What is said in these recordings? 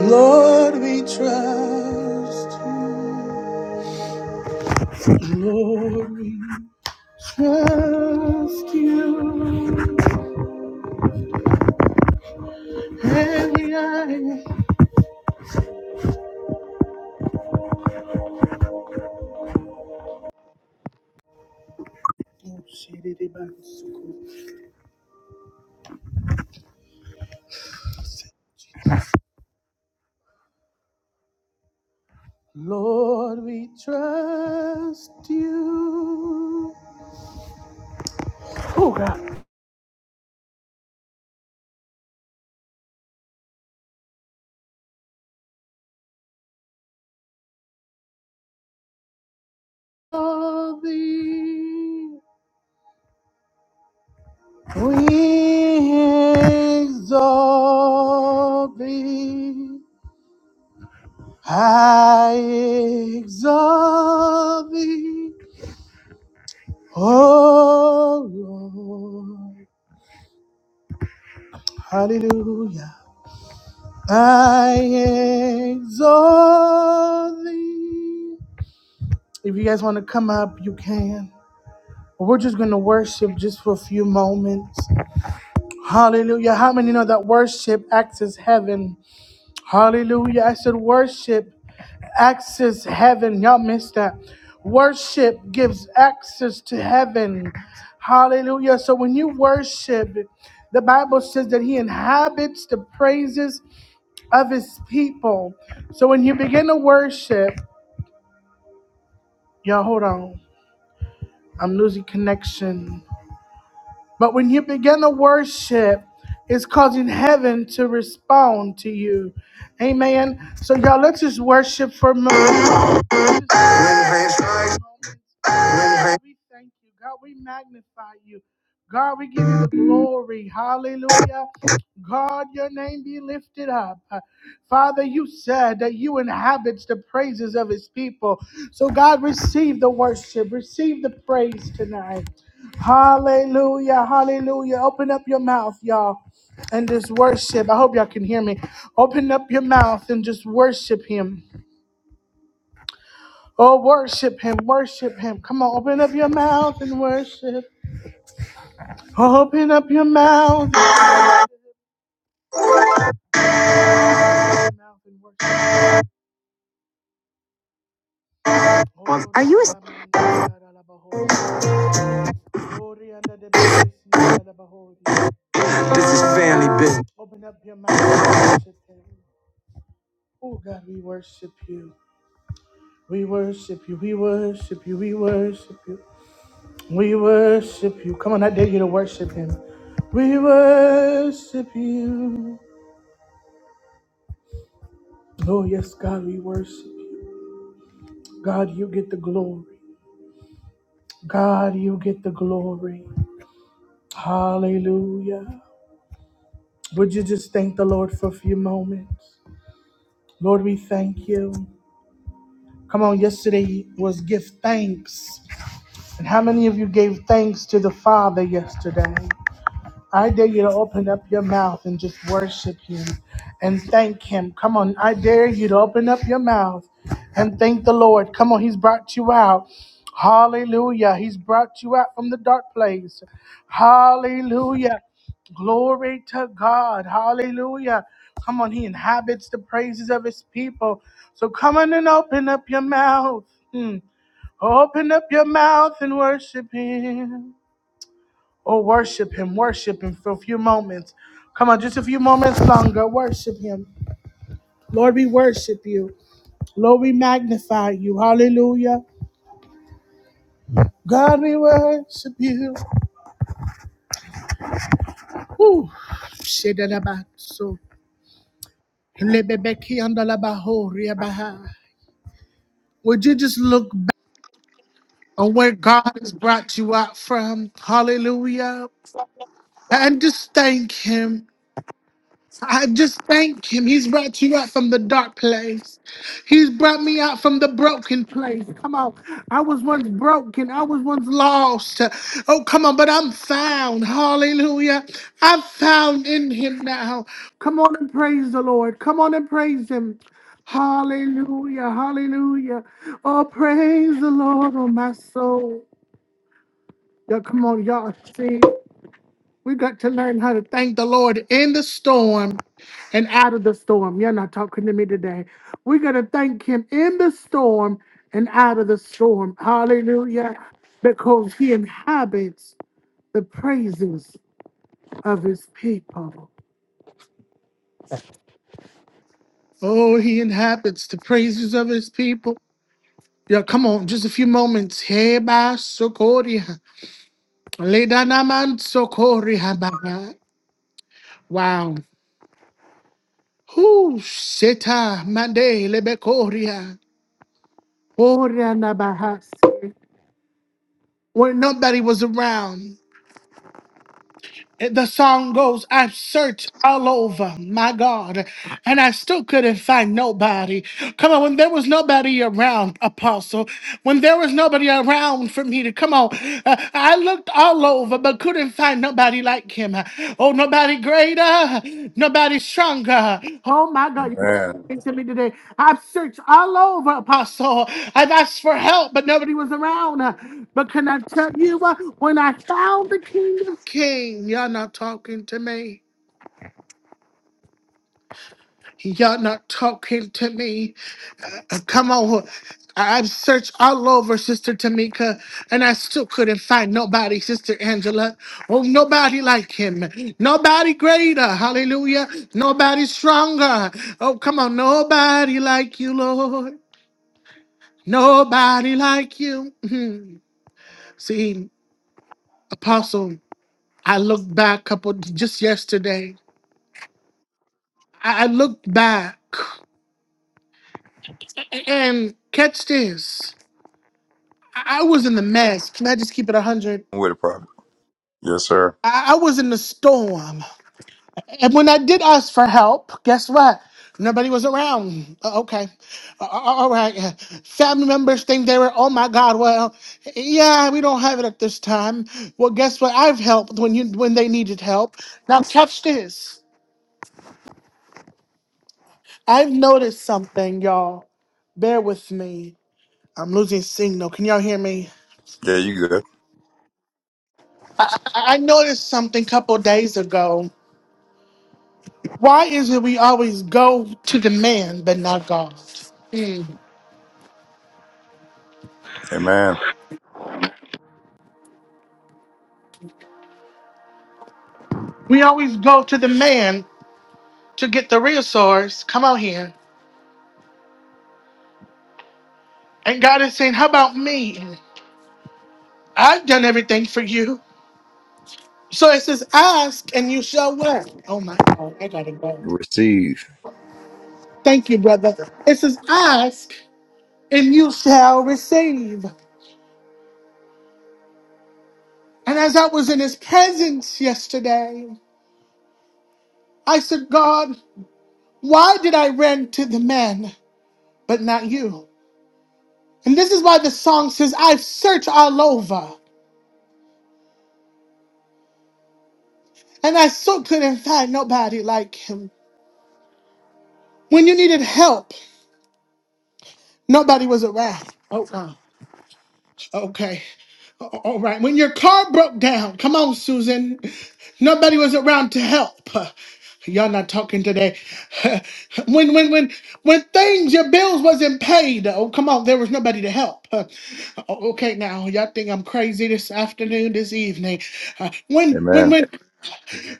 Lord, we trust you. Lord, we trust you. Heavy eye. Oh, shit, it is Lord, we trust you. Oh, God. All thee. We exalt thee. I exalt thee. Oh Lord, hallelujah. I exalt thee. If you guys want to come up, you can. We're just going to worship just for a few moments. Hallelujah. How many know that worship acts as heaven? Hallelujah. I said worship access heaven. Y'all missed that. Worship gives access to heaven. Hallelujah. So when you worship, the Bible says that he inhabits the praises of his people. So when you begin to worship, y'all hold on. I'm losing connection. But when you begin to worship, it's causing heaven to respond to you. Amen. So y'all let's just worship for a moment. When rain strikes, We thank you, God. We magnify you. God, we give you the glory. Hallelujah. God, your name be lifted up. Father, you said that you inhabit the praises of his people. So, God, receive the worship, receive the praise tonight. Hallelujah. Hallelujah. Open up your mouth, y'all, and just worship. I hope y'all can hear me. Open up your mouth and just worship him. Oh, worship him, worship him. Come on, open up your mouth and worship. Open up your mouth. Oh, Are you Oh, si a- This is family business. Open up your mouth and worship him. Oh God, we worship you. We worship you. We worship you. We worship you. We worship you. Come on, I dare you to worship him. We worship you. Oh yes, God, we worship you. God, you get the glory. God, you get the glory. Hallelujah. Would you just thank the Lord for a few moments? Lord, we thank you. Come on, yesterday was give thanks. And how many of you gave thanks to the Father yesterday? I dare you to open up your mouth and just worship Him and thank Him. Come on, I dare you to open up your mouth and thank the Lord. Come on, He's brought you out. Hallelujah. He's brought you out from the dark place. Hallelujah. Glory to God. Hallelujah. Come on, He inhabits the praises of His people. So come on and open up your mouth. Hmm. Open up your mouth and worship Him. Oh, worship Him, worship Him for a few moments. Come on, just a few moments longer. Worship Him. Lord, we worship you. Lord, we magnify you. Hallelujah. God, we worship you. Woo. Shedadabatso. Lebebekiandalabaho riabaha. Would you just look back on where God has brought you out from? Hallelujah. And just thank Him. I just thank him. He's brought you out from the dark place. He's brought me out from the broken place. Come on. I was once broken. I was once lost. Oh, come on. But I'm found. Hallelujah. I'm found in him now. Come on and praise the Lord. Come on and praise him. Hallelujah. Hallelujah. Oh, praise the Lord, oh, my soul. Yeah, come on, y'all. Sing. We got to learn how to thank the Lord in the storm and out of the storm. You're not talking to me today. We got to thank Him in the storm and out of the storm. Hallelujah. Because He inhabits the praises of His people. Oh, He inhabits the praises of His people. Yeah, come on, just a few moments. Heba sokoria. Ledanaman sokoria baba. Wow. Who seta mande lebekoria. When nobody was around, eh, the song goes, I've searched all over, my God, and I still couldn't find nobody. Come on, when there was nobody around, Apostle, when there was nobody around for me to come on, uh, I looked all over but couldn't find nobody like him. Oh, nobody greater, nobody stronger. Oh my God, you're Amen. speaking to me today. I've searched all over, Apostle. I've asked for help, but nobody was around. But can I tell you what? When I found the King of Kings, y'all not talking to me. Y'all not talking to me. Come on. I- I've searched all over, Sister Tamika, and I still couldn't find nobody, Sister Angela. Oh, nobody like him. Nobody greater. Hallelujah. Nobody stronger. Oh, come on. Nobody like you, Lord. Nobody like you. Mhm. See, Apostle, I looked back couple just yesterday. I I looked back and catch this. I I was in the mess. Can I just keep it 100? I'm with it, prophet. Yes, sir. I, I was in the storm. And when I did ask for help, guess what? Nobody was around. Uh, okay. Uh, uh, uh, all right. Family members think they were, oh my God, well, yeah, we don't have it at this time. Well, guess what? I've helped when you when they needed help. Now catch this. I've noticed something, y'all. Bear with me. I'm losing signal. Can y'all hear me? Yeah, you good. I, I I noticed something a couple days ago. Why is it we always go to the man but not God? Mm. Amen. We always go to the man to get the resource. Come out here. And God is saying, How about me? I've done everything for you. So it says, Ask and you shall what? Oh my God, I gotta go. Receive. Thank you, brother. It says, Ask and you shall receive. And as I was in his presence yesterday, I said, God, why did I run to the man but not you? And this is why the song says, I've searched all over and I so couldn't find nobody like him. When you needed help, nobody was around. Oh, wow. Okay. A- All right. When your car broke down, come on, Susan, nobody was around to help. Y'all not talking today. When when when when things your bills wasn't paid. Oh come on, there was nobody to help. Uh, okay now, y'all think I'm crazy this afternoon, this evening. Uh, when when Amen. when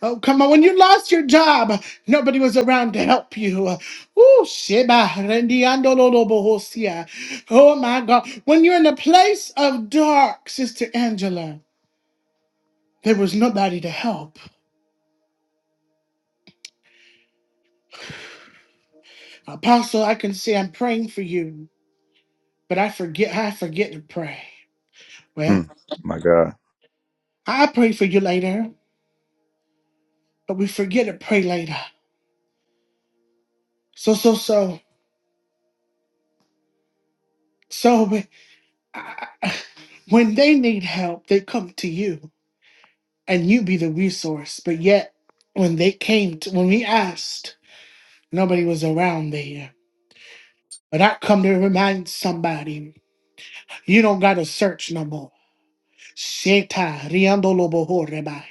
Oh, come on. When you lost your job, nobody was around to help you. Ooh, Sheba, Rendiando Lolo Bohosia. Oh, my God. When you're in a place of dark, Sister Angela, there was nobody to help. Apostle, I can say I'm praying for you, but I forget, I forget to pray. Hmm. Well, My God. I pray for you later, but we forget to pray later. So, so, so, so, I- I- when they need help, they come to you. and you be the resource. But yet, when they came, to, when we asked, nobody was around there. But I come to remind somebody, you don't gotta search no more. Sheta riando lobo horebai.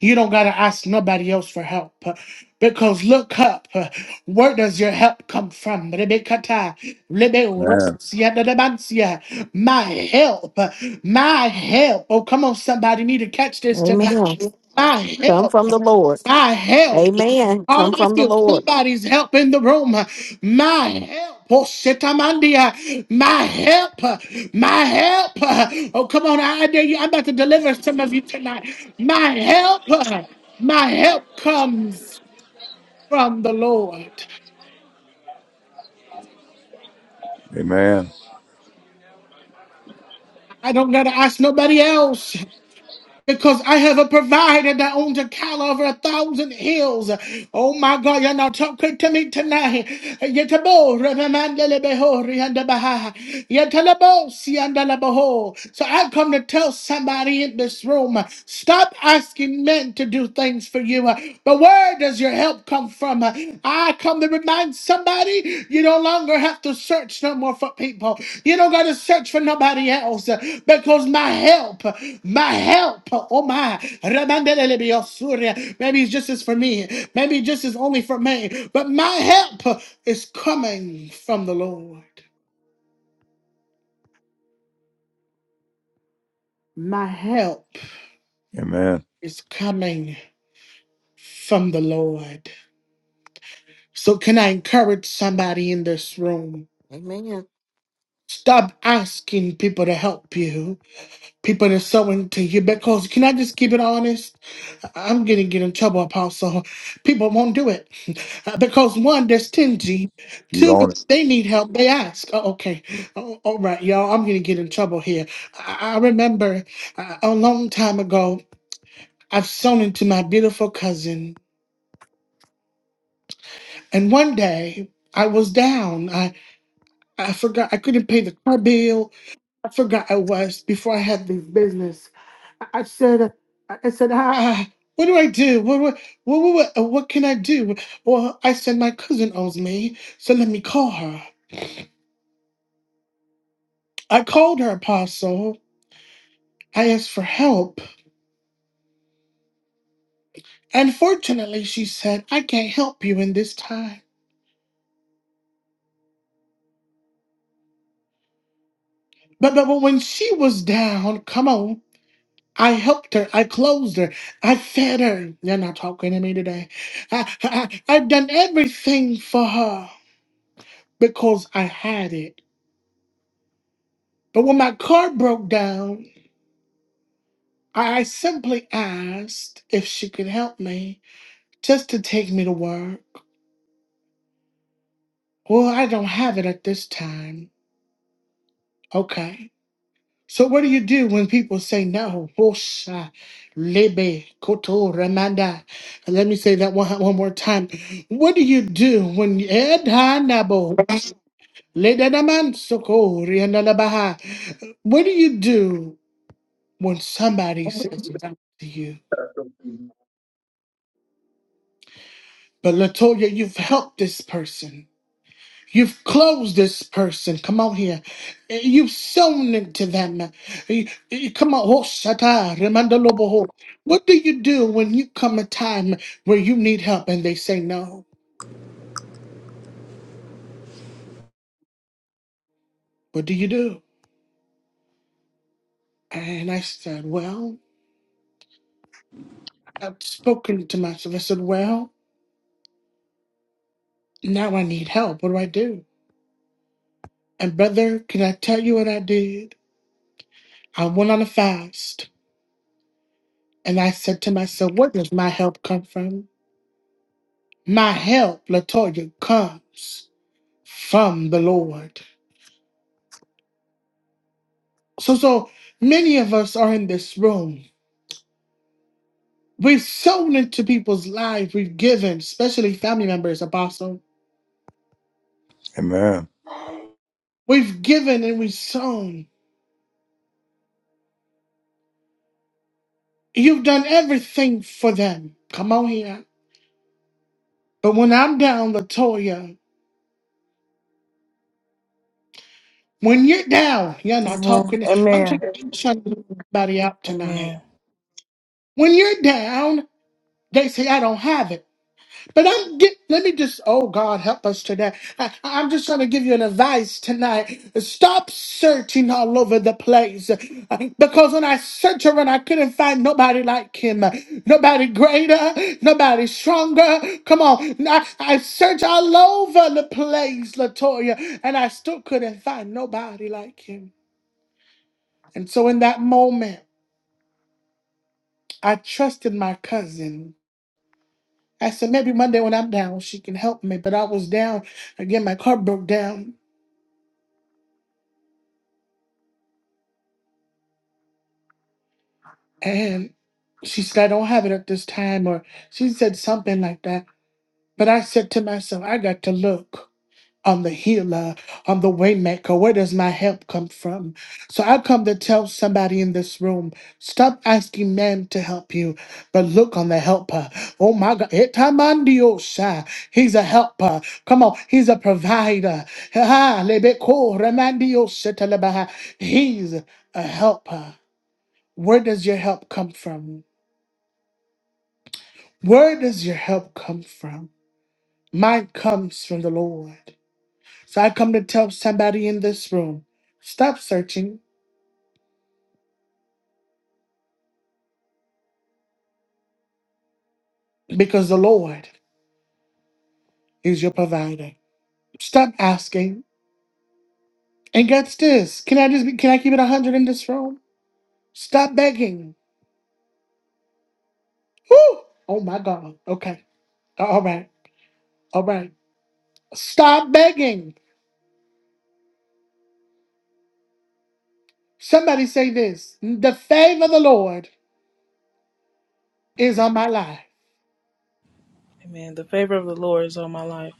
You don't gotta ask nobody else for help. uh, Because look up, uh, where does your help come from? Rebekata, lebe Amen. orosia da da My help, uh, my help. Oh, come on, somebody need to catch this Amen. tonight. My Come help. from the Lord. My help. Amen. Oh, Come I from the feel Lord. somebody's help in the room. My help. Oh, shitamandia. My help. My help. Oh, come on. I dare you. I'm about to deliver some of you tonight. My help. My help comes from the Lord. Amen. I don't got to ask nobody else. Because I have provided that owns a cattle over a thousand hills. Oh my God, you're not talking to me tonight. Yetabo, remandele beho, rianda baha. Yetelebo, siandala beho. So I come to tell somebody in this room, stop asking men to do things for you. But where does your help come? come from. I come to remind somebody you no longer have to search no more for people. You don't got to search for nobody else uh, because my help, my help, oh my, Ramandelelebiosuri. maybe it's just as for me, maybe just as only for me, but my help is coming from the Lord. My help Amen. is coming from the Lord. So, can I encourage somebody in this room? Amen. Stop asking people to help you. people that are sowing to you because can I just keep it honest? I'm gonna get in trouble, Apostle. People won't do it because one, they're stingy. You Two, own it. they need help. They ask. Oh, okay, Oh, all right, y'all. I'm gonna get in trouble here. I, I remember uh, a long time ago, I've sown into my beautiful cousin, and one day I was down. I I forgot I couldn't pay the car bill I forgot I was before I had this business. I, I said, I I said, ah, what do I do? What, what, what, what, what uh, what can I do? Well, I said, my cousin owes me, so let me call her. I called her, Apostle. I asked for help. Unfortunately, she said, I can't help you in this time. But, but, but when she was down, come on. I helped her. I closed her. I fed her. You're not talking to me today. I, I, I've done everything for her. because I had it. But when my car broke down, I simply asked if she could help me just to take me to work. Well, I don't have it at this time. Okay. So what do you do when people say no? Wosha, lebe, koto, ramanda. And Let me say that one, one more time. What do you do when Edhanabo, ledanamansoko, riandalabaha. What do you do when somebody says no to you. But Latoya, you've helped this person. You've closed this person. Come on here. You've sown into them. You- you- Come on. Oh, Shatta, Remanda Loboho. What do you do when you come a time where you need help and they say no? What do you do? And I said, Well, I've spoken to myself. I said, Well, now I need help. What do I do? And brother, can I tell you what I did? I went on a fast. And I said to myself, where does my help come from? My help, Latoya, comes from the Lord. So, so many of us are in this room. We've sown into people's lives. We've given, especially family members, Apostle. Amen. We've given and we've sown. You've done everything for them. Come on here. But when I'm down, Latoya, when you're down, you're not hmm talking. I'm trying Amen. I'm trying to get somebody out tonight. Amen. When you're down, they say, I don't have it. But I'm get, let me just oh God help us today. I, I'm just trying to give you an advice tonight. Stop searching all over the place because when I searched around, I couldn't find nobody like him, nobody greater, nobody stronger. Come on, I, I searched all over the place, Latoya, and I still couldn't find nobody like him. And so in that moment, I trusted my cousin. I said, maybe Monday when I'm down, she can help me. But I was down. Again, my car broke down. And she said, I don't have it at this time. Or she said something like that. But I said to myself, I got to look. I'm the healer. I'm the waymaker. Where does my help come from? So I come to tell somebody in this room: stop asking man to help you, but look on the helper. Oh my God, Etamandiosa. He's a helper. Come on, he's a provider. Ha, lebeko, remandiosa, telebaha. He's a helper. Where does your help come from? Where does your help come from? Mine comes from the Lord. So I come to tell somebody in this room stop searching because the Lord is your provider. Stop asking. And guess this? Can I just be, can I keep it 100 in this room? Stop begging. Woo! Oh my God. Okay. All right. All right. Stop begging. Somebody say this. The favor of the Lord is on my life. Amen. The favor of the Lord is on my life.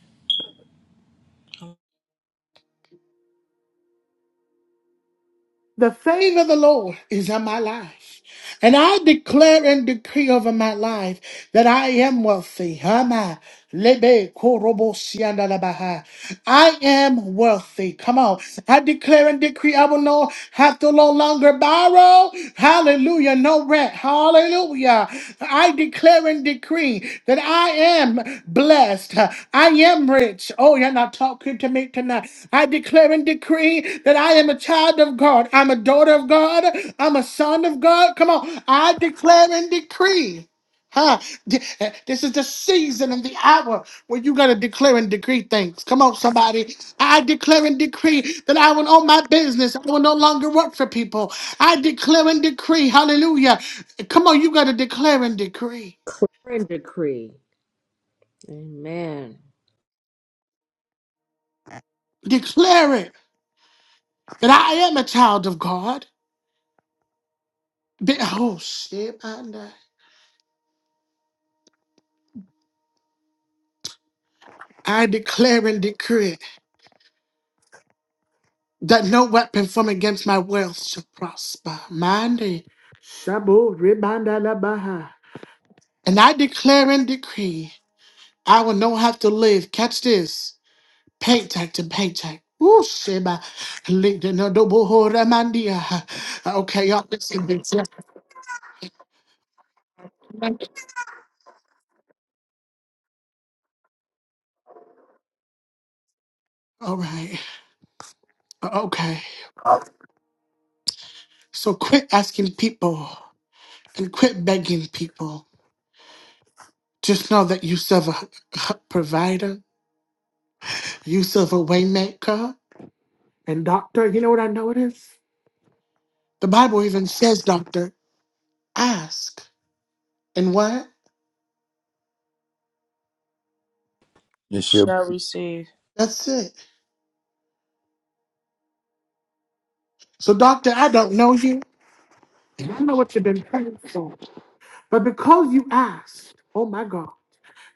The favor of the Lord is on my life. And I declare and decree over my life that I am wealthy. Am I? Lebe korobo sianda la baha. I am wealthy. Come on. I declare and decree I will no have to no longer borrow. Hallelujah. No rent. Hallelujah. I declare and decree that I am blessed. I am rich. Oh, you're not talking to me tonight. I declare and decree that I am a child of God. I'm a daughter of God. I'm a son of God. Come on. I declare and decree. Huh? Th- This is the season and the hour where you gotta declare and decree things. Come on, somebody. I declare and decree that I will own my business. I will no longer work for people. I declare and decree. Hallelujah. Come on, you gotta declare and decree. and decree. Amen. Declare it that I am a child of God. Be- Oh shit, Anda. I declare and decree it, that no weapon formed against my wealth shall prosper. Mande. Shabu ribanda And I declare and decree, I will not have to live. Catch this. Paycheck to paycheck. Ooh, sheba. Linda no double ho ramandia. Okay, y'all listen to this. All right. Uh, Okay. So quit asking people and quit begging people. Just know that you serve a provider, you serve a waymaker and doctor. You know what I know it is? The Bible even says, doctor, ask. And what? You should. Shall receive. That's it. So, doctor, I don't know you, and I know what you've been praying for. But because you asked, oh my God.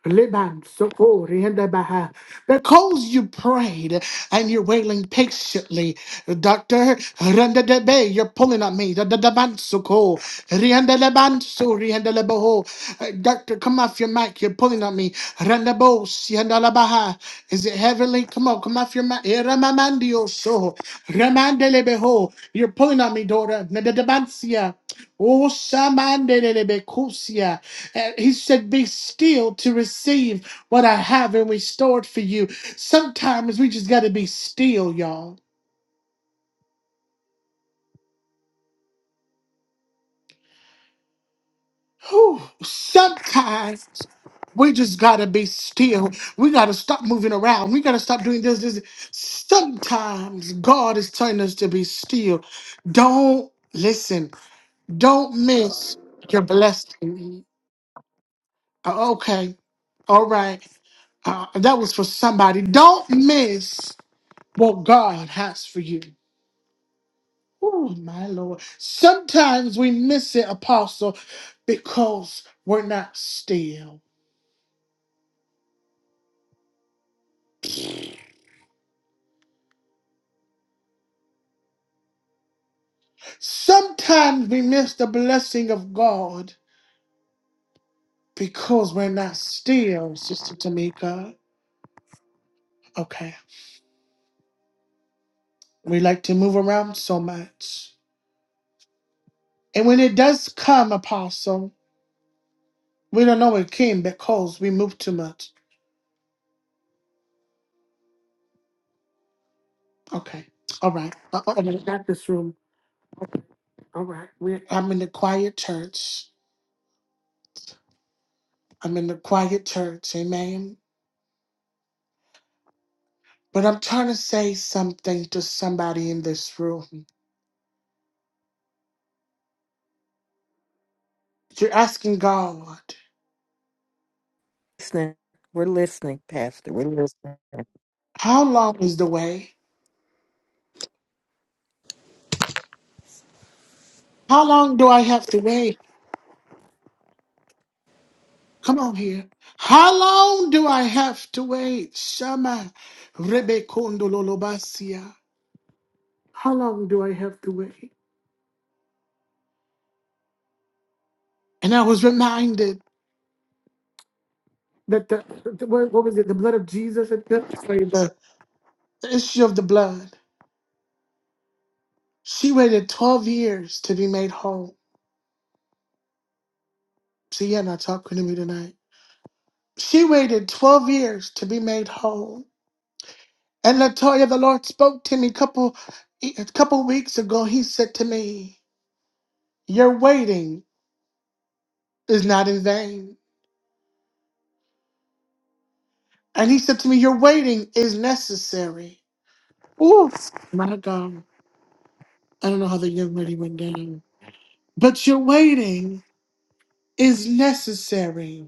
Liban, Sokori, and Abaha, Because you prayed and you're wailing patiently, Doctor Randa Debe, you're pulling on me. Da- da- da- ban- Soko, Rianda Leban, So, Rianda Leboho. Uh, Doctor, come off your mic, you're pulling on me. Randa Bo, Sianda Labaha. Is it heavenly? Come on, come off your mic. Eh, Ramamandio So, Ramande Lebeho. You're pulling on me, daughter. Oh, shamandelebekusia. And He said, Be still to receive what I have and restored for you. Sometimes we just got to be still, y'all. Whew. Sometimes we just got to be still. We got to stop moving around. We got to stop doing this, this. Sometimes God is telling us to be still. Don't listen, don't miss your blessing. Uh, Okay. All right. Uh, that was for somebody. Don't miss what God has for you. Oh, my Lord. Sometimes we miss it, Apostle, because we're not still. Sometimes we miss the blessing of God because we're not still, Sister Tamika. Okay. We like to move around so much. And when it does come, Apostle, we don't know it came because we move too much. Okay. All right. Uh, uh, uh, not this room. All right. We're, I'm in the quiet church. I'm in the quiet church. Amen. But I'm trying to say something to somebody in this room. You're asking God, Listening. We're listening, Pastor. We're listening. how long is the way? How long do I have to wait? Come on here. How long do I have to wait? Shama Rebekondololobasia. How long do I have to wait? And I was reminded that the, the what what was it? The blood of Jesus at the, sorry, the the issue of the blood. She waited 12 years to be made whole. See, you're not talking to me tonight. She waited 12 years to be made whole. And Latoya, the Lord spoke to me couple, e, a couple weeks ago. He said to me, Your waiting is not in vain. And he said to me, Your waiting is necessary. Ooh, my God. I don't know how the young lady went down. But your waiting is necessary.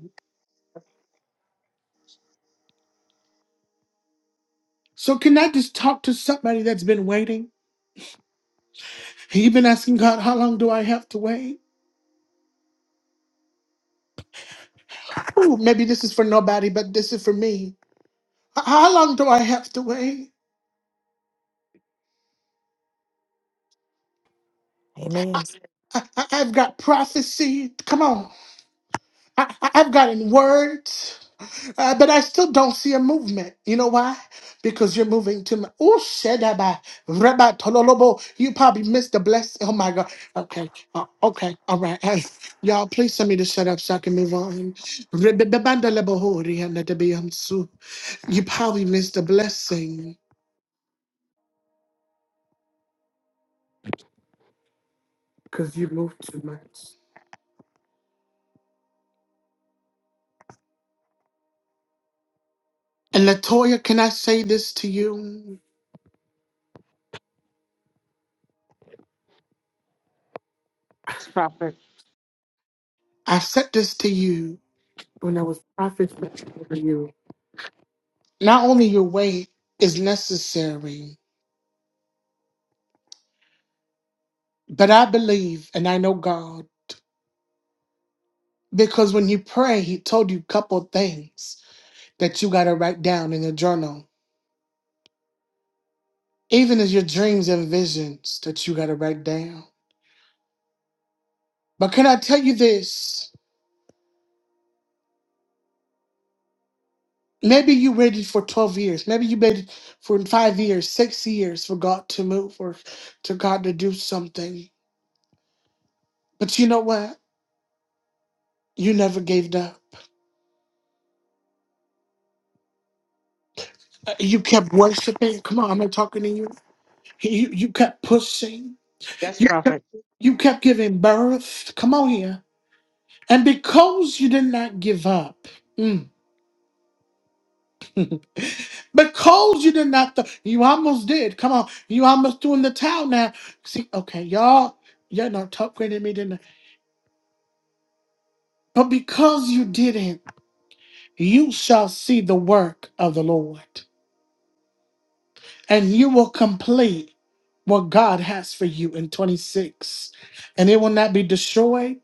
So, can I just talk to somebody that's been waiting? You've been asking God, how long do I have to wait? Ooh, maybe this is for nobody, but this is for me. H- How long do I have to wait? Amen. I, I- I've got prophecy. Come on. I, I- I've gotten words. Uh, but I still don't see a movement. You know why? Because you're moving too much. Oh, Shedaba, Rabbi Tololobo. You probably missed the blessing. Oh my God. Okay. Uh, okay. Hey, All right. Hey, y'all, please tell me to shut up so I can move on. Rebebebandalebohorianadebeyamsu. You probably missed the blessing because you moved too much. And Latoya, can I say this to you? Yes, Prophet. I said this to you when I was prophesying to you. Not only your weight is necessary. But I believe and I know God because when you pray, He told you a couple of things that you got to write down in your journal, even as your dreams and visions that you got to write down. But can I tell you this? Maybe you waited for 12 years. Maybe you waited for five years, six years for God to move or to God to do something. But you know what? You never gave up. Uh, You kept worshiping. Come on, I'm not talking to you. You, you kept pushing. Yes, Prophet. You kept giving birth. Come on here. And because you did not give up, mm, because you did not, th- you almost did. Come on. You almost threw in the towel now. See, okay, y'all, y'all not top grading me didn't. I? But because you didn't, you shall see the work of the Lord and you will complete what God has for you in 26. And it will not be destroyed,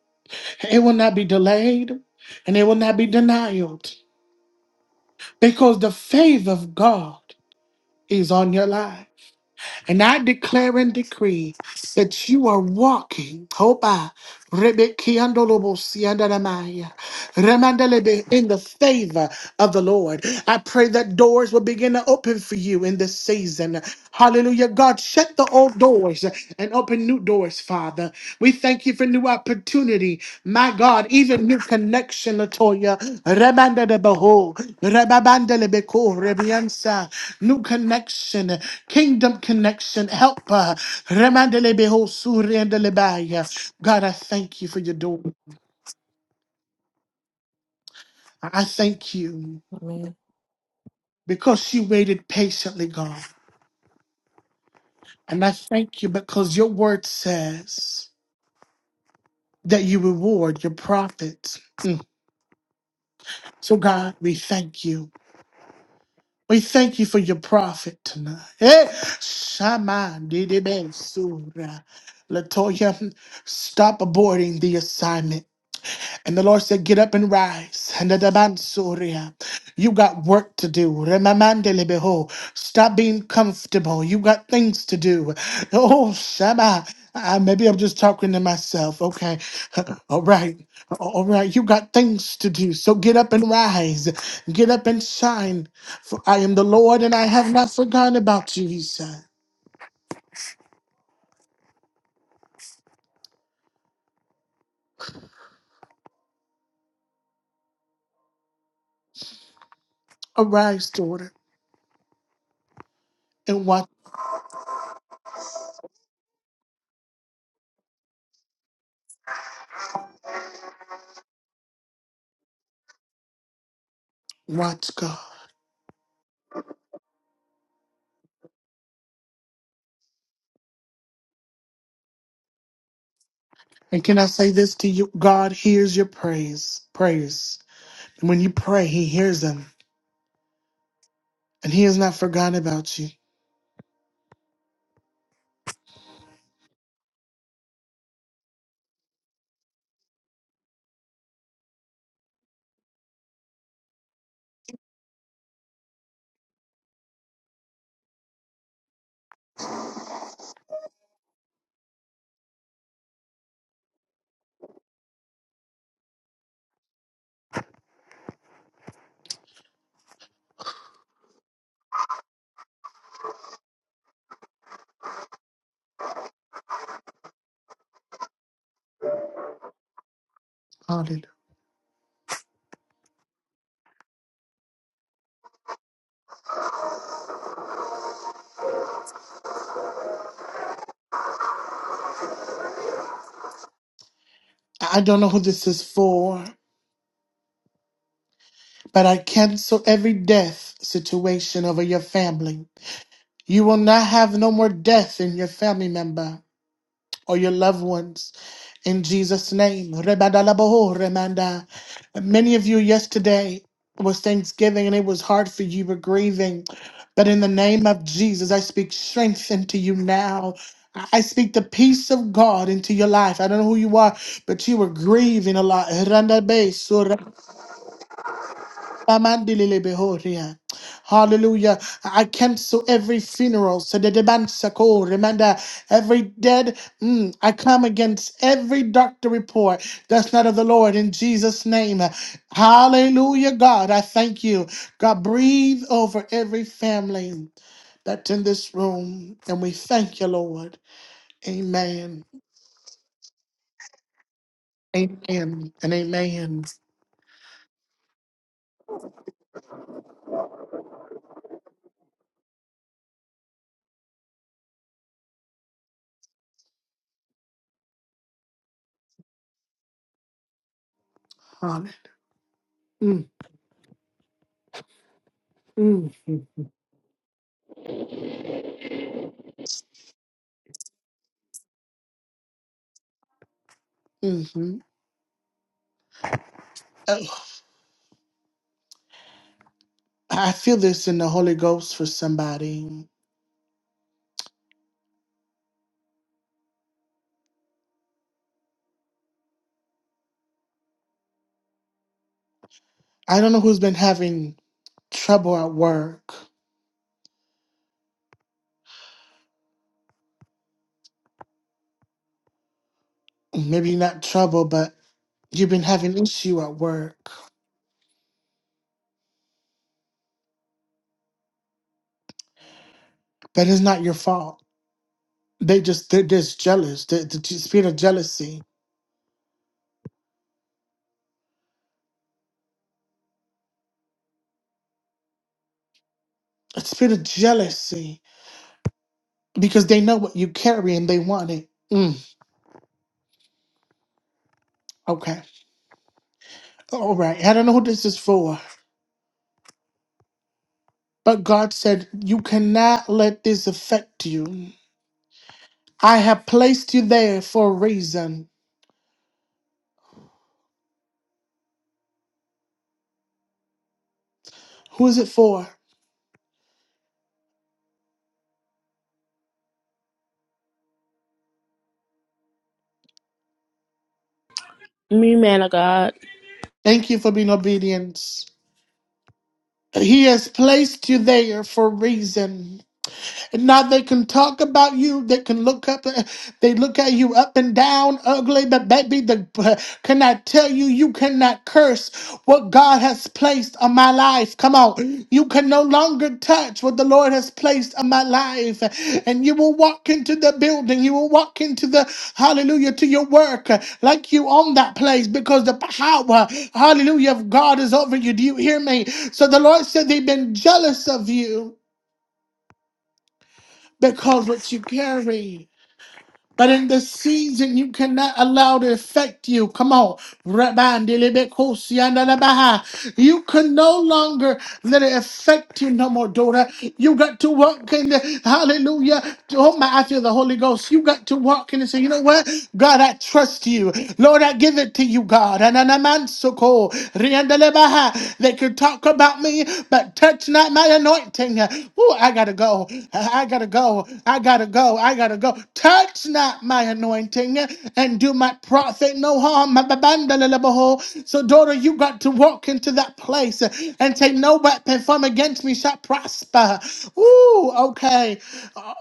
it will not be delayed, and it will not be denied. because the favor of God is on your life. And I declare and decree that you are walking. Hoba, Rebekiandolobo, Siandaramaya. Remandelebe, in the favor of the Lord. I pray that doors will begin to open for you in this season. Hallelujah. God, shut the old doors and open new doors, Father. We thank you for new opportunity. My God, even new connection, Latoya. Remandelebeho, rebabandelebeko, rebiansa. New connection, kingdom connection, helper. Remandelebeho, suriandelebaya. God, I thank you for your door. I thank you. Amen. because she waited patiently, God. And I thank you because your word says that you reward your prophets. Mm. So, God, we thank you. We thank you for your prophet tonight. Eh, Shama Didebe Sura. Latoya, stop aborting the assignment. And the Lord said, Get up and rise. And the Daban Soria, You got work to do. Remamandelebeho. Stop being comfortable. You got things to do. Oh, Shama. Uh, maybe I'm just talking to myself. Okay. All right. All right. You got things to do. So get up and rise. Get up and shine. For I am the Lord and I have not forgotten about you, he said. Arise, daughter, and watch, watch God. And can I say this to you? God hears your praise, prayers. And when you pray, He hears them. And He has not forgotten about you. Hallelujah. I don't know who this is for, but I cancel every death situation over your family. You will not have no more death in your family member. or your loved ones in Jesus' name. Rebadalabaho, remanda. Many of you yesterday was Thanksgiving and it was hard for you, you were grieving. But in the name of Jesus, I speak strength into you now. I I speak the peace of God into your life. I don't know who you are, but you were grieving a lot. Amandilele behoria. Hallelujah. I cancel every funeral. So the debansako, remember every dead. mm, I come against every doctor report that's not of the Lord in Jesus' name. Hallelujah, God. I thank you. God, breathe over every family that's in this room. And we thank you, Lord. Amen. Amen. And amen. Hallelujah. Mm, mm, mm, mhm. I feel this in the Holy Ghost for somebody. I don't know who's been having trouble at work. Maybe not trouble, but you've been having issue at work. But it's not your fault. They just they're just jealous. The, the spirit of jealousy. A spirit of jealousy because they know what you carry and they want it. Mm, okay, all right. I don't know who this is for, but God said you cannot let this affect you. I have placed you there for a reason. Who is it for? Me, man of God. Thank you for being obedient. He has placed you there for a reason. And Now they can talk about you. They can look up. They look at you up and down, ugly. But baby, the can I tell you, you cannot curse what God has placed on my life. Come on, you can no longer touch what the Lord has placed on my life, and you will walk into the building. You will walk into the hallelujah to your work like you own that place because the power hallelujah of God is over you. Do you hear me? So the Lord said they've been jealous of you because what you carry. But in this season, you cannot allow it to affect you. Come on. Rabandelebekosiandalabaha. You can no longer let it affect you no more, daughter. You got to walk in the hallelujah. Oh my, I feel the Holy Ghost. You got to walk in and say, you know what? God, I trust you. Lord, I give it to you, God. Ananamansoko, they can talk about me, but touch not my anointing. Ooh, I gotta go. I gotta go. I gotta go. I gotta go. Touch not my anointing and do my prophet no harm. So, daughter, you got to walk into that place and say, No weapon formed against me shall prosper. Ooh, okay.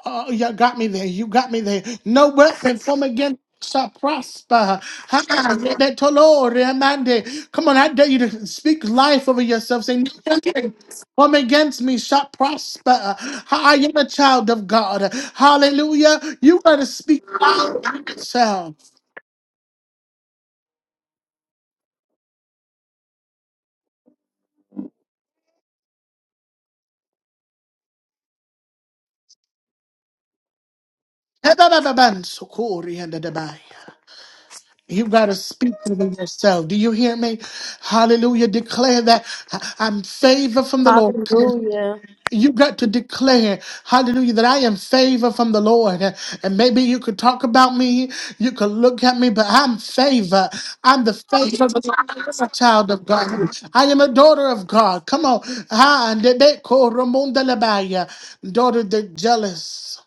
Oh, you got me there. You got me there. No weapon formed against shall prosper. Ah, that Tolore Amande. Come on, I dare you to speak life over yourself. Say, nothing come against me shall prosper. I am a child of God. Hallelujah. You got to speak life over yourself. You got to speak over yourself. Do you hear me? Hallelujah. Declare that I- I'm favored from the Lord. Hallelujah. You got to declare, hallelujah, that I am favored from the Lord. And maybe you could talk about me, you could look at me, but I'm favored. I'm the favored child of God. I am a daughter of God. Come on. ha, and they- they call Ramon de la Baya, Daughter, the jealous.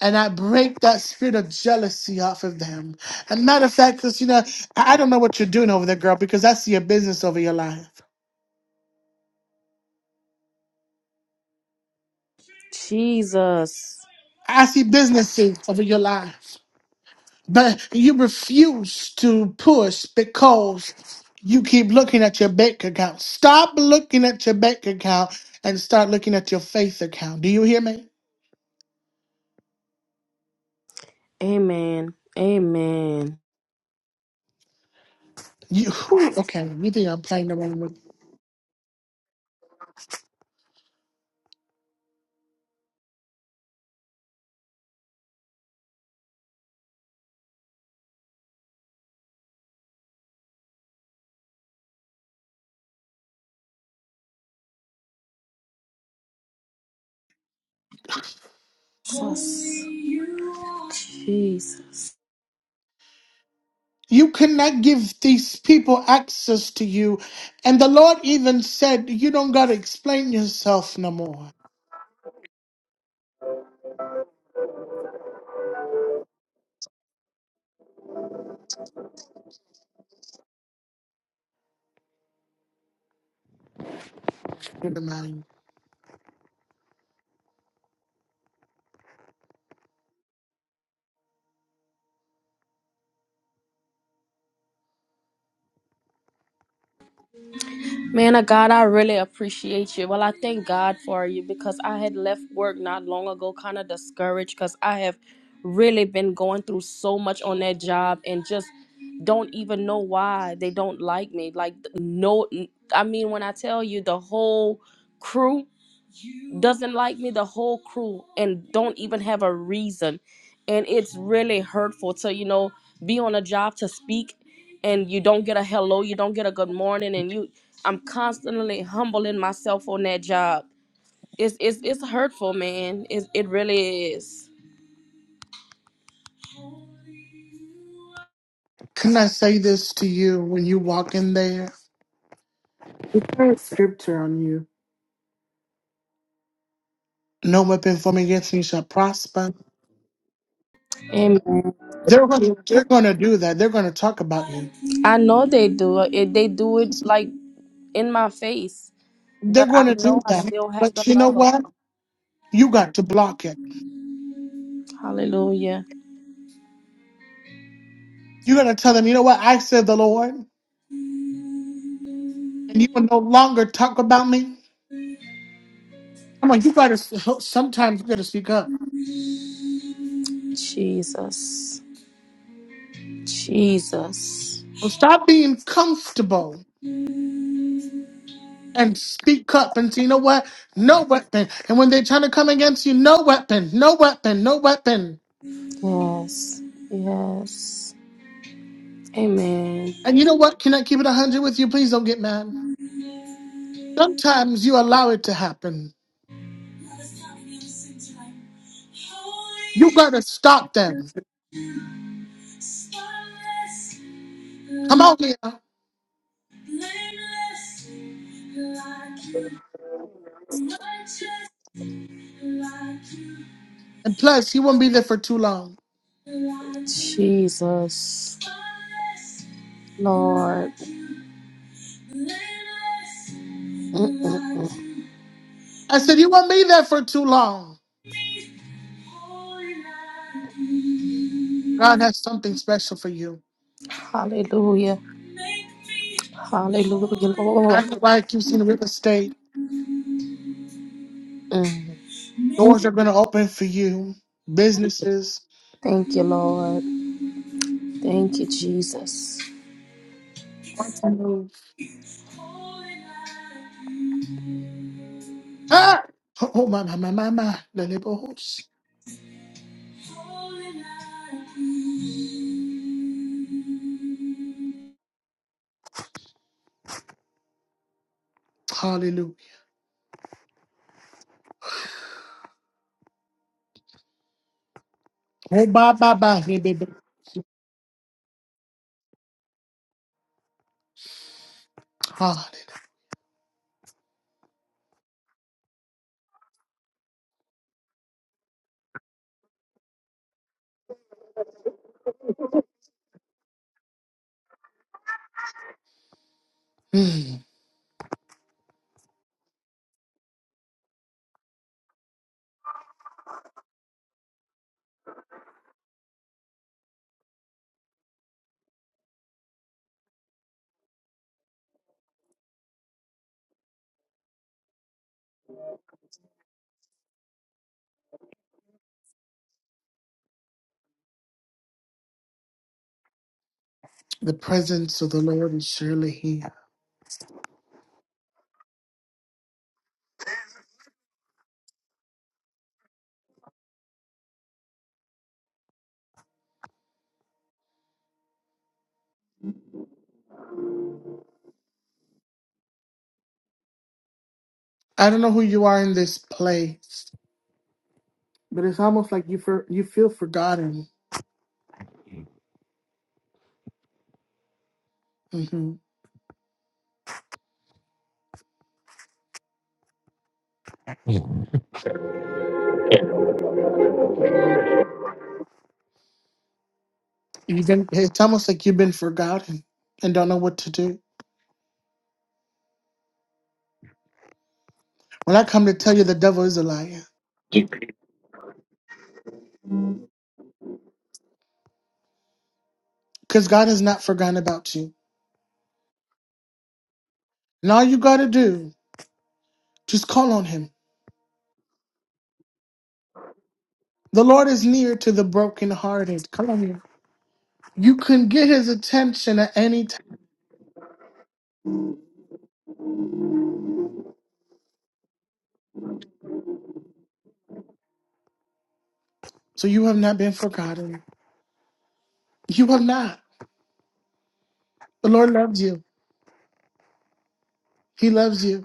And I break that spirit of jealousy off of them. And matter of fact, because you know, I I don't know what you're doing over there, girl, because I see a business over your life. Jesus. I see businesses over your life. But you refuse to push because you keep looking at your bank account. Stop looking at your bank account and start looking at your faith account. Do you hear me? Amen. Amen. You whew, okay? You think I'm playing around with? Jesus. Jesus. You cannot give these people access to you, and the Lord even said you don't gotta explain yourself no more. Good man. Man of God, I really appreciate you. Well, I thank God for you because I had left work not long ago, kind of discouraged because I have really been going through so much on that job and just don't even know why they don't like me. Like, no, I mean, when I tell you the whole crew, doesn't like me, the whole crew, and don't even have a reason. And it's really hurtful to, you know, be on a job to speak and you don't get a hello, you don't get a good morning, and you I'm constantly humbling myself on that job. It's it's it's hurtful, man. It it really is. Can I say this to you when you walk in there? It's a scripture on you. No weapon formed against me shall prosper. Amen. They're gonna they're gonna do that. They're gonna talk about you. I know they do it. They do it like in my face, They're but I gonna do know I that. still have to But you know love them. what? You got to block it. Hallelujah, You gotta tell them, you know what? I said the Lord, and you will no longer talk about me. Come on, you gotta sometimes you gotta speak up. Jesus, Jesus. Stop being comfortable and speak up and say, you know what? No weapon. And when they're trying to come against you, no weapon, no weapon, no weapon. Yes. Yes. Amen. And you know what? Can I keep it a hundred with you? Please don't get mad. Sometimes you allow it to happen. You gotta stop them. Come on, Leah. And plus, you won't be there for too long. Jesus. Lord. Mm-mm-mm. I said, you won't be there for too long. God has something special for you. Hallelujah. Hallelujah, I Lord. know why I keep seeing real estate. Mm. Doors are going to open for you. Businesses. Thank you, Lord. Thank you, Jesus. Ah! Oh, my, my, my, my, my. Lelebohos. Hallelujah. Oh, bye, bye, bye. Lelebohos. Hallelujah. Mm. The presence of the Lord is surely here. I don't know who you are in this place, but it's almost like you, for, you feel forgotten. Mm-hmm. It's almost like you've been forgotten and don't know what to do. Well, I come to tell you the devil is a liar because God has not forgotten about you. And all you got to do, just call on him. The Lord is near to the brokenhearted. Come on here. You can get his attention at any time. So you have not been forgotten. You have not. The Lord loves you. He loves you.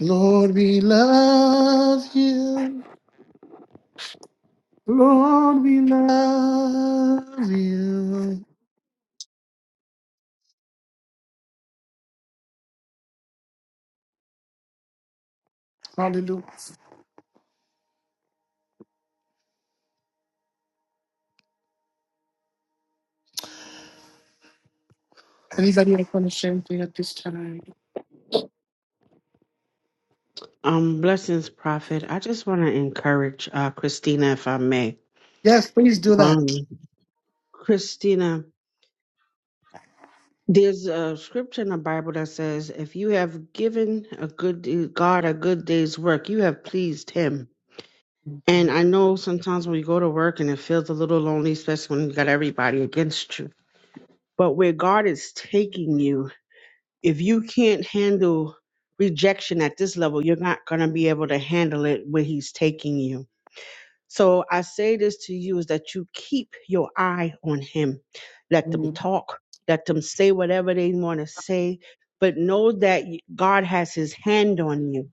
Lord, we love you. Lord, we love you. Hallelujah. Anybody else want to share anything at this time? Um, blessings, Prophet. I just want to encourage uh, Christina, if I may. Yes, please do that. Um, Christina, there's a scripture in the Bible that says, "If you have given a good de- God a good day's work, you have pleased Him." And Mhm, I know sometimes when you go to work and it feels a little lonely, especially when you got everybody against you. But where God is taking you, if you can't handle rejection at this level, you're not going to be able to handle it where He's taking you. So I say this to you is that you keep your eye on him. Let them talk, let them say whatever they want to say, but know that y- God has his hand on you.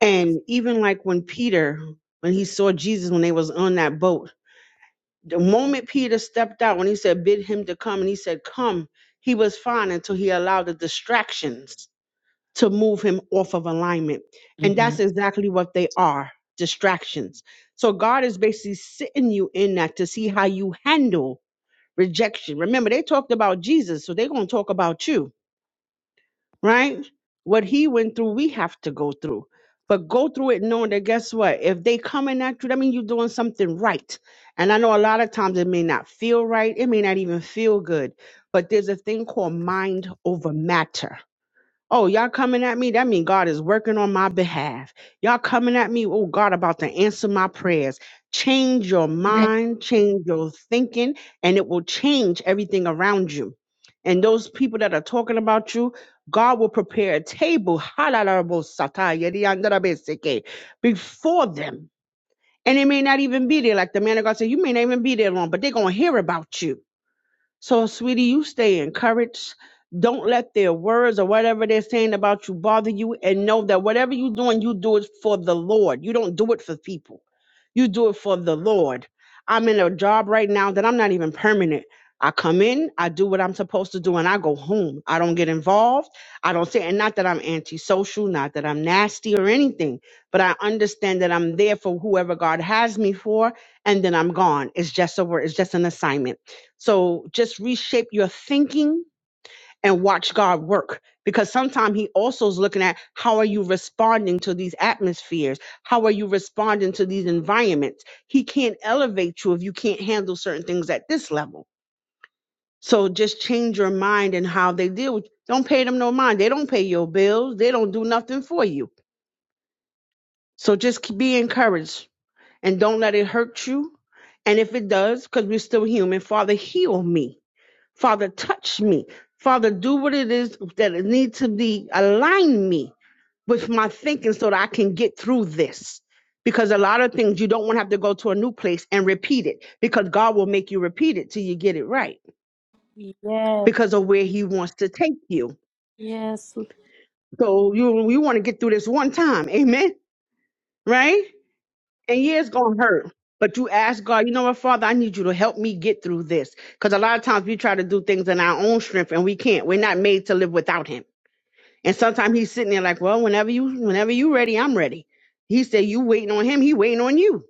And even like when Peter, when he saw Jesus when they was on that boat, the moment Peter stepped out, when he said, bid him to come, and he said, come, he was fine until he allowed the distractions to move him off of alignment. And that's mhm. exactly what they are distractions. So God is basically sitting you in that to see how you handle rejection. Remember, they talked about Jesus, so they're going to talk about you, right? What he went through, we have to go through. But go through it knowing that guess what? If they coming at you, that means you're doing something right. And I know a lot of times it may not feel right. It may not even feel good. But there's a thing called mind over matter Oh, y'all coming at me? That mean God is working on my behalf. Y'all coming at me? Oh, God about to answer my prayers. Change your mind, change your thinking, and it will change everything around you. And those people that are talking about you, God will prepare a table halalabosata, yediyandarabeseke, before them. And it may not even be there. Like the man of God said, you may not even be there long, but they're going to hear about you so, sweetie, you stay encouraged. Don't let their words or whatever they're saying about you bother you. And know that whatever you're doing, you do it for the Lord. You don't do it for people, you do it for the Lord. I'm in a job right now that I'm not even permanent. I come in, I do what I'm supposed to do, and I go home. I don't get involved. I don't say, and not that I'm antisocial, not that I'm nasty or anything, but I understand that I'm there for whoever God has me for, and then I'm gone. It's just a word, it's just an assignment. So just reshape your thinking and watch God work because sometimes he also is looking at how are you responding to these atmospheres? How are you responding to these environments? He can't elevate you if you can't handle certain things at this level. So just change your mind and how they deal with you. Don't pay them no mind. They don't pay your bills. They don't do nothing for you. So just k- be encouraged and don't let it hurt you. And if it does, because we're still human, Father, heal me Father, touch me. Father, do what it is that it needs to be. Align me with my thinking so that I can get through this. Because a lot of things you don't want to have to go to a new place and repeat it because God will make you repeat it till you get it right Yes. because of where He wants to take you. Yes. So you, you want to get through this one time. Amen. Right? And yeah, it's going to hurt. But you ask God, you know what, Father, I need you to help me get through this. Because a lot of times we try to do things in our own strength and we can't. We're not made to live without Him. And sometimes he's sitting there like, well, whenever you whenever you ready, I'm ready. He said, you waiting on him, he waiting on you.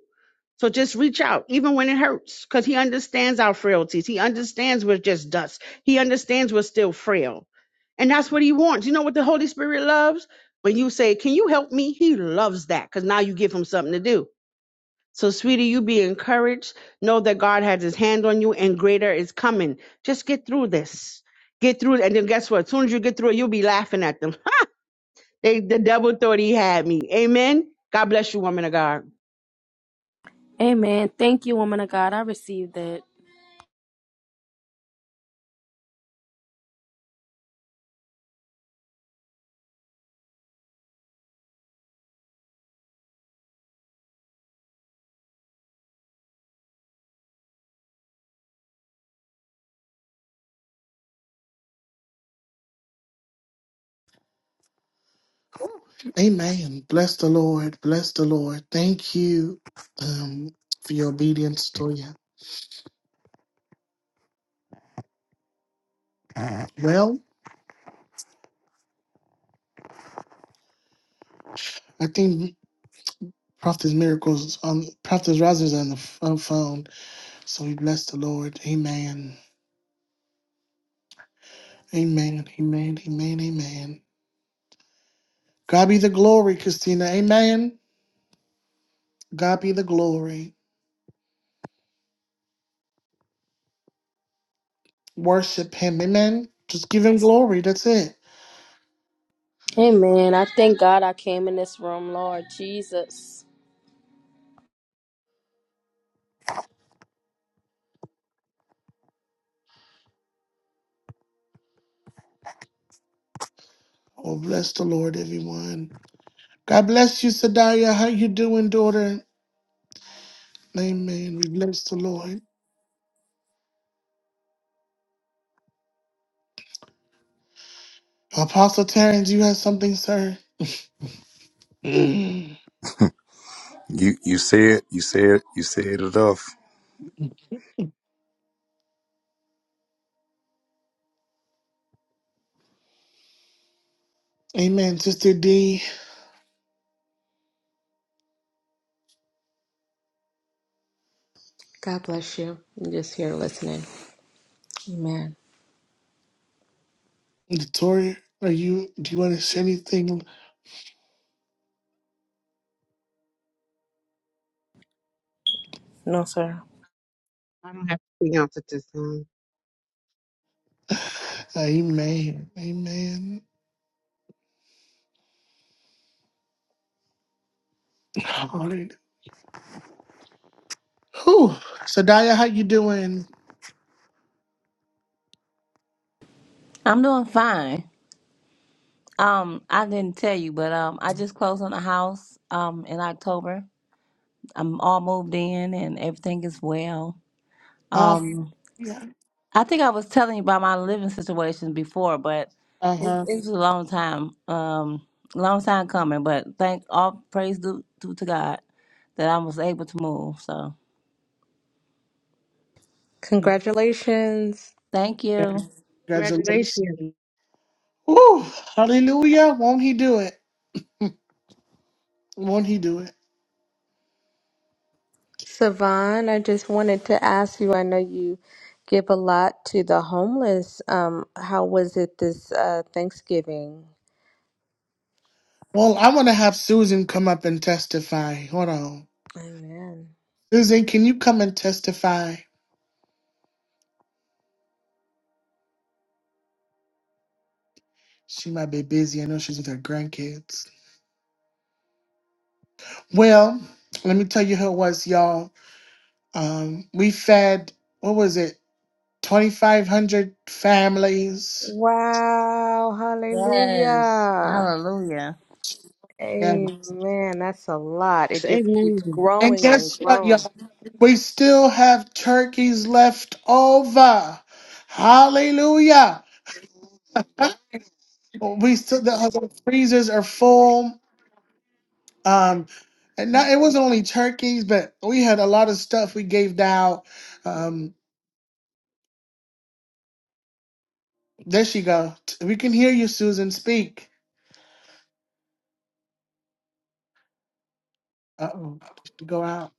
So just reach out, even when it hurts, because he understands our frailties. He understands we're just dust. He understands we're still frail. And that's what he wants. You know what the Holy Spirit loves? When you say, Can you help me? He loves that because now you give him something to do. So, sweetie, you be encouraged. Know that God has his hand on you and greater is coming. Just get through this. Get through it. And then guess what? As soon as you get through it, you'll be laughing at them. They, the devil thought he had me. Amen. God bless you, woman of God. Amen. Thank you, woman of God. I received that. Amen. Bless the Lord. Bless the Lord. Thank you um, for your obedience, Toya. Well, I think Prophet's Miracles, um, Prophet's Roz is on the f- on phone. So we bless the Lord. Amen. Amen. Amen. Amen. Amen. God be the glory, Christina. Amen. God be the glory. Worship Him. Amen. Just give Him glory. That's it. Amen. I thank God I came in this room, Lord Jesus. Oh, bless the Lord, everyone. God bless you, Sadaria. How you doing, daughter? Amen. We bless the Lord. Apostle Terrence, you have something, sir? Mm. You you say it. You say it. You say it enough. Amen. Sister D, God bless you. I'm just here listening. Amen. Victoria, are you? Do you want to say anything? No, sir. I don't have anything else at this time. Amen. Amen. Hallelujah. Whew. Sadaya, how you doing? I'm doing fine. Um, I didn't tell you, but um, I just closed on a house um in October. I'm all moved in and everything is well. Uh, Um, yeah. I think I was telling you about my living situation before, but Uh it's huh. it's a long time, um, long time coming. But thank all praise due, due to God that I was able to move. So Congratulations, thank you. Congratulations. Congratulations. Whew. Hallelujah. Won't he do it? Won't he do it? Savan. I just wanted to ask you. I know you give a lot to the homeless. Um, how was it this uh, Thanksgiving? Well, I want to have Susan come up and testify. Hold on. Amen. Susan, can you come and testify? She might be busy. I know she's with her grandkids. Well, let me tell you who it was, y'all. Um, we fed, what was it, 2,500 families. Wow. Yes, Hallelujah. hallelujah. Yeah. Amen. That's a lot. It just keeps Amen. And growing and guess what, y'all? growing. We still have turkeys left over. Hallelujah. We still, the, the freezers are full. Um, and not, it wasn't only turkeys, but we had a lot of stuff we gave out. Um, there she go. T- We can hear you, Susan. Speak. Uh oh, did she go out?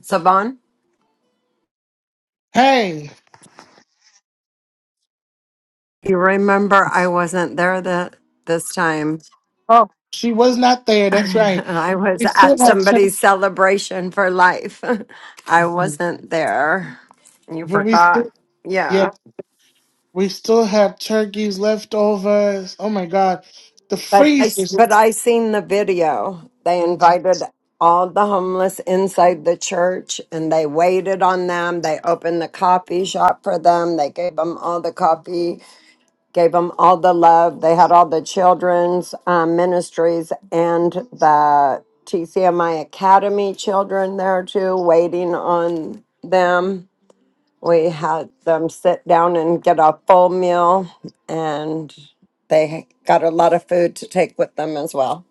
Savon, Hey, you remember I wasn't there the, this time. oh, she was not there. That's right. I was We still at have somebody's turkeys, celebration for life. I but wasn't there. You we forgot. still yeah, Yeah. we still have turkeys leftovers. Oh my God, the But I, s- freezers. but I seen the video. They Mm, invited all the homeless inside the church and they waited on them. They opened the coffee shop for them. They gave them all the coffee gave them all the love. They had all the children's um, ministries and the TCMI Academy children there too, waiting on them. We had them sit down and get a full meal, and they got a lot of food to take with them as well.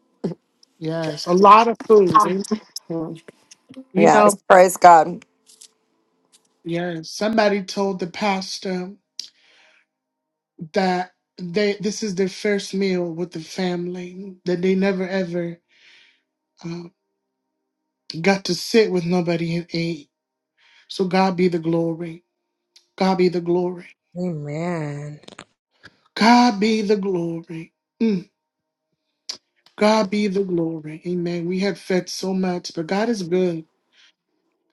Yes, a lot of food. They- You Yes, know, praise God. yes. Somebody told the pastor. that they this is their first meal with the family that they never ever um, got to sit with nobody and ate. So God be the glory. God be the glory. Amen. God be the glory. Mm. God be the glory. Amen. We have fed so much, but God is good.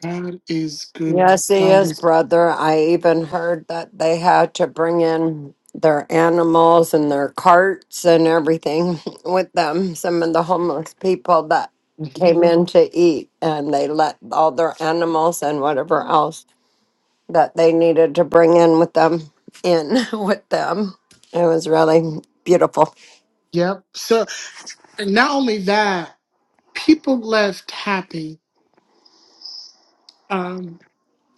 God is good. Yes, he God is, is. good. brother. I even heard that they had to bring in their animals and their carts and everything with them. Some of the homeless people that came Mhm. in to eat and they let all their animals and whatever else that they needed to bring in with them in with them. It was really beautiful. Yep. So and not only that, people left happy. Um,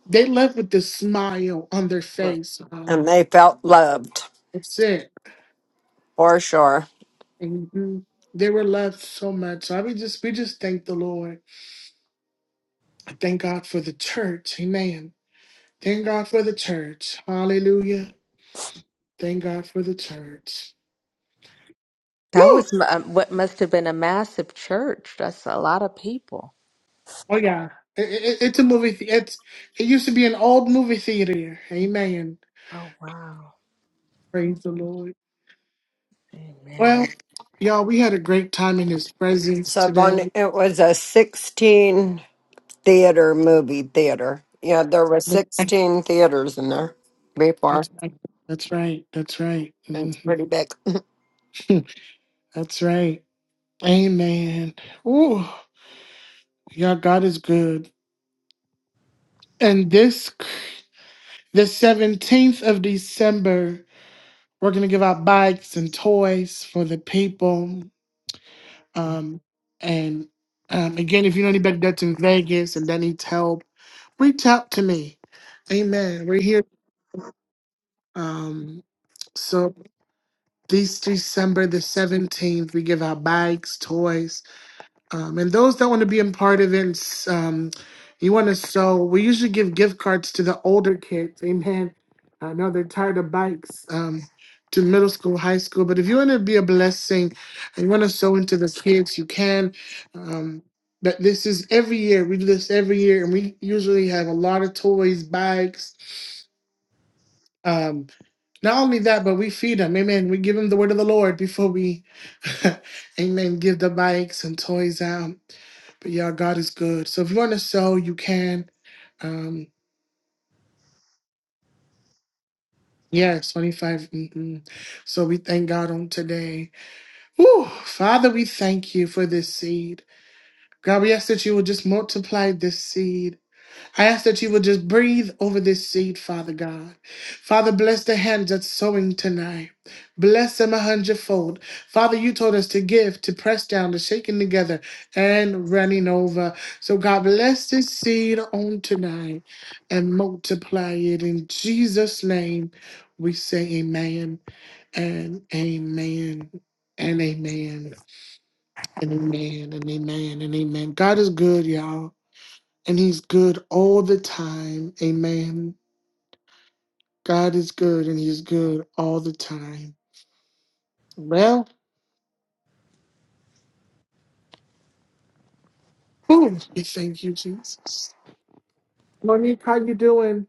they left with this smile on their face. Um, And they felt loved that's it for sure. Mhm. They were loved so much. So I we just we just thank the Lord. I Thank God for the church. Amen. Thank God for the church. Hallelujah. Thank God for the church. That Woo! was m- um, what must have been a massive church. That's a lot of people. Oh yeah. it- it- it's a movie. the- It's it used to be an old movie theater. Amen. Oh, wow. Praise the Lord. Amen. Well, y'all, we had a great time in His presence So, Bonnie, today. it was a 16. theater movie theater. Yeah, there were That's right. 16 theaters in there before. That's right. That's right. That's right. It's Mhm. pretty big. That's right. Amen. Ooh. Yeah, God is good. And this the 17th of December, we're gonna give out bikes and toys for the people. Um, and um, again, if you know anybody that's in Vegas and that needs help, reach out to me. Amen. We're here. Um, so this December the 17th, we give out bikes, toys, Um, and those that want to be a part of it, um, you want to sew. We usually give gift cards to the older kids. Amen. I know they're tired of bikes. Um, to middle school, high school. But if you want to be a blessing, and you want to sew into the kids, you can. Um, but this is every year. We do this every year, and we usually have a lot of toys, bikes. Um, not only that, but we feed them. Amen. We give them the word of the Lord before we, amen, give the bikes and toys out. But yeah, God is good. So if you want to sow, you can. Um, yes, 25. Mm-mm. So we thank God on today. Whew, Father, we thank you for this seed. God, we ask that you will just multiply this seed. I ask that you will just breathe over this seed, Father God. Father, bless the hands that's sowing tonight. Bless them a hundredfold. Father, you told us to give, to press down, to shaking together, and running over. So, God, bless this seed on tonight and multiply it. In Jesus' name, we say amen and amen and amen and amen and amen and amen. God is good, y'all and he's good all the time. Amen. God is good and he's good all the time. Well, whew, we thank you, Jesus. Monique, how you doing?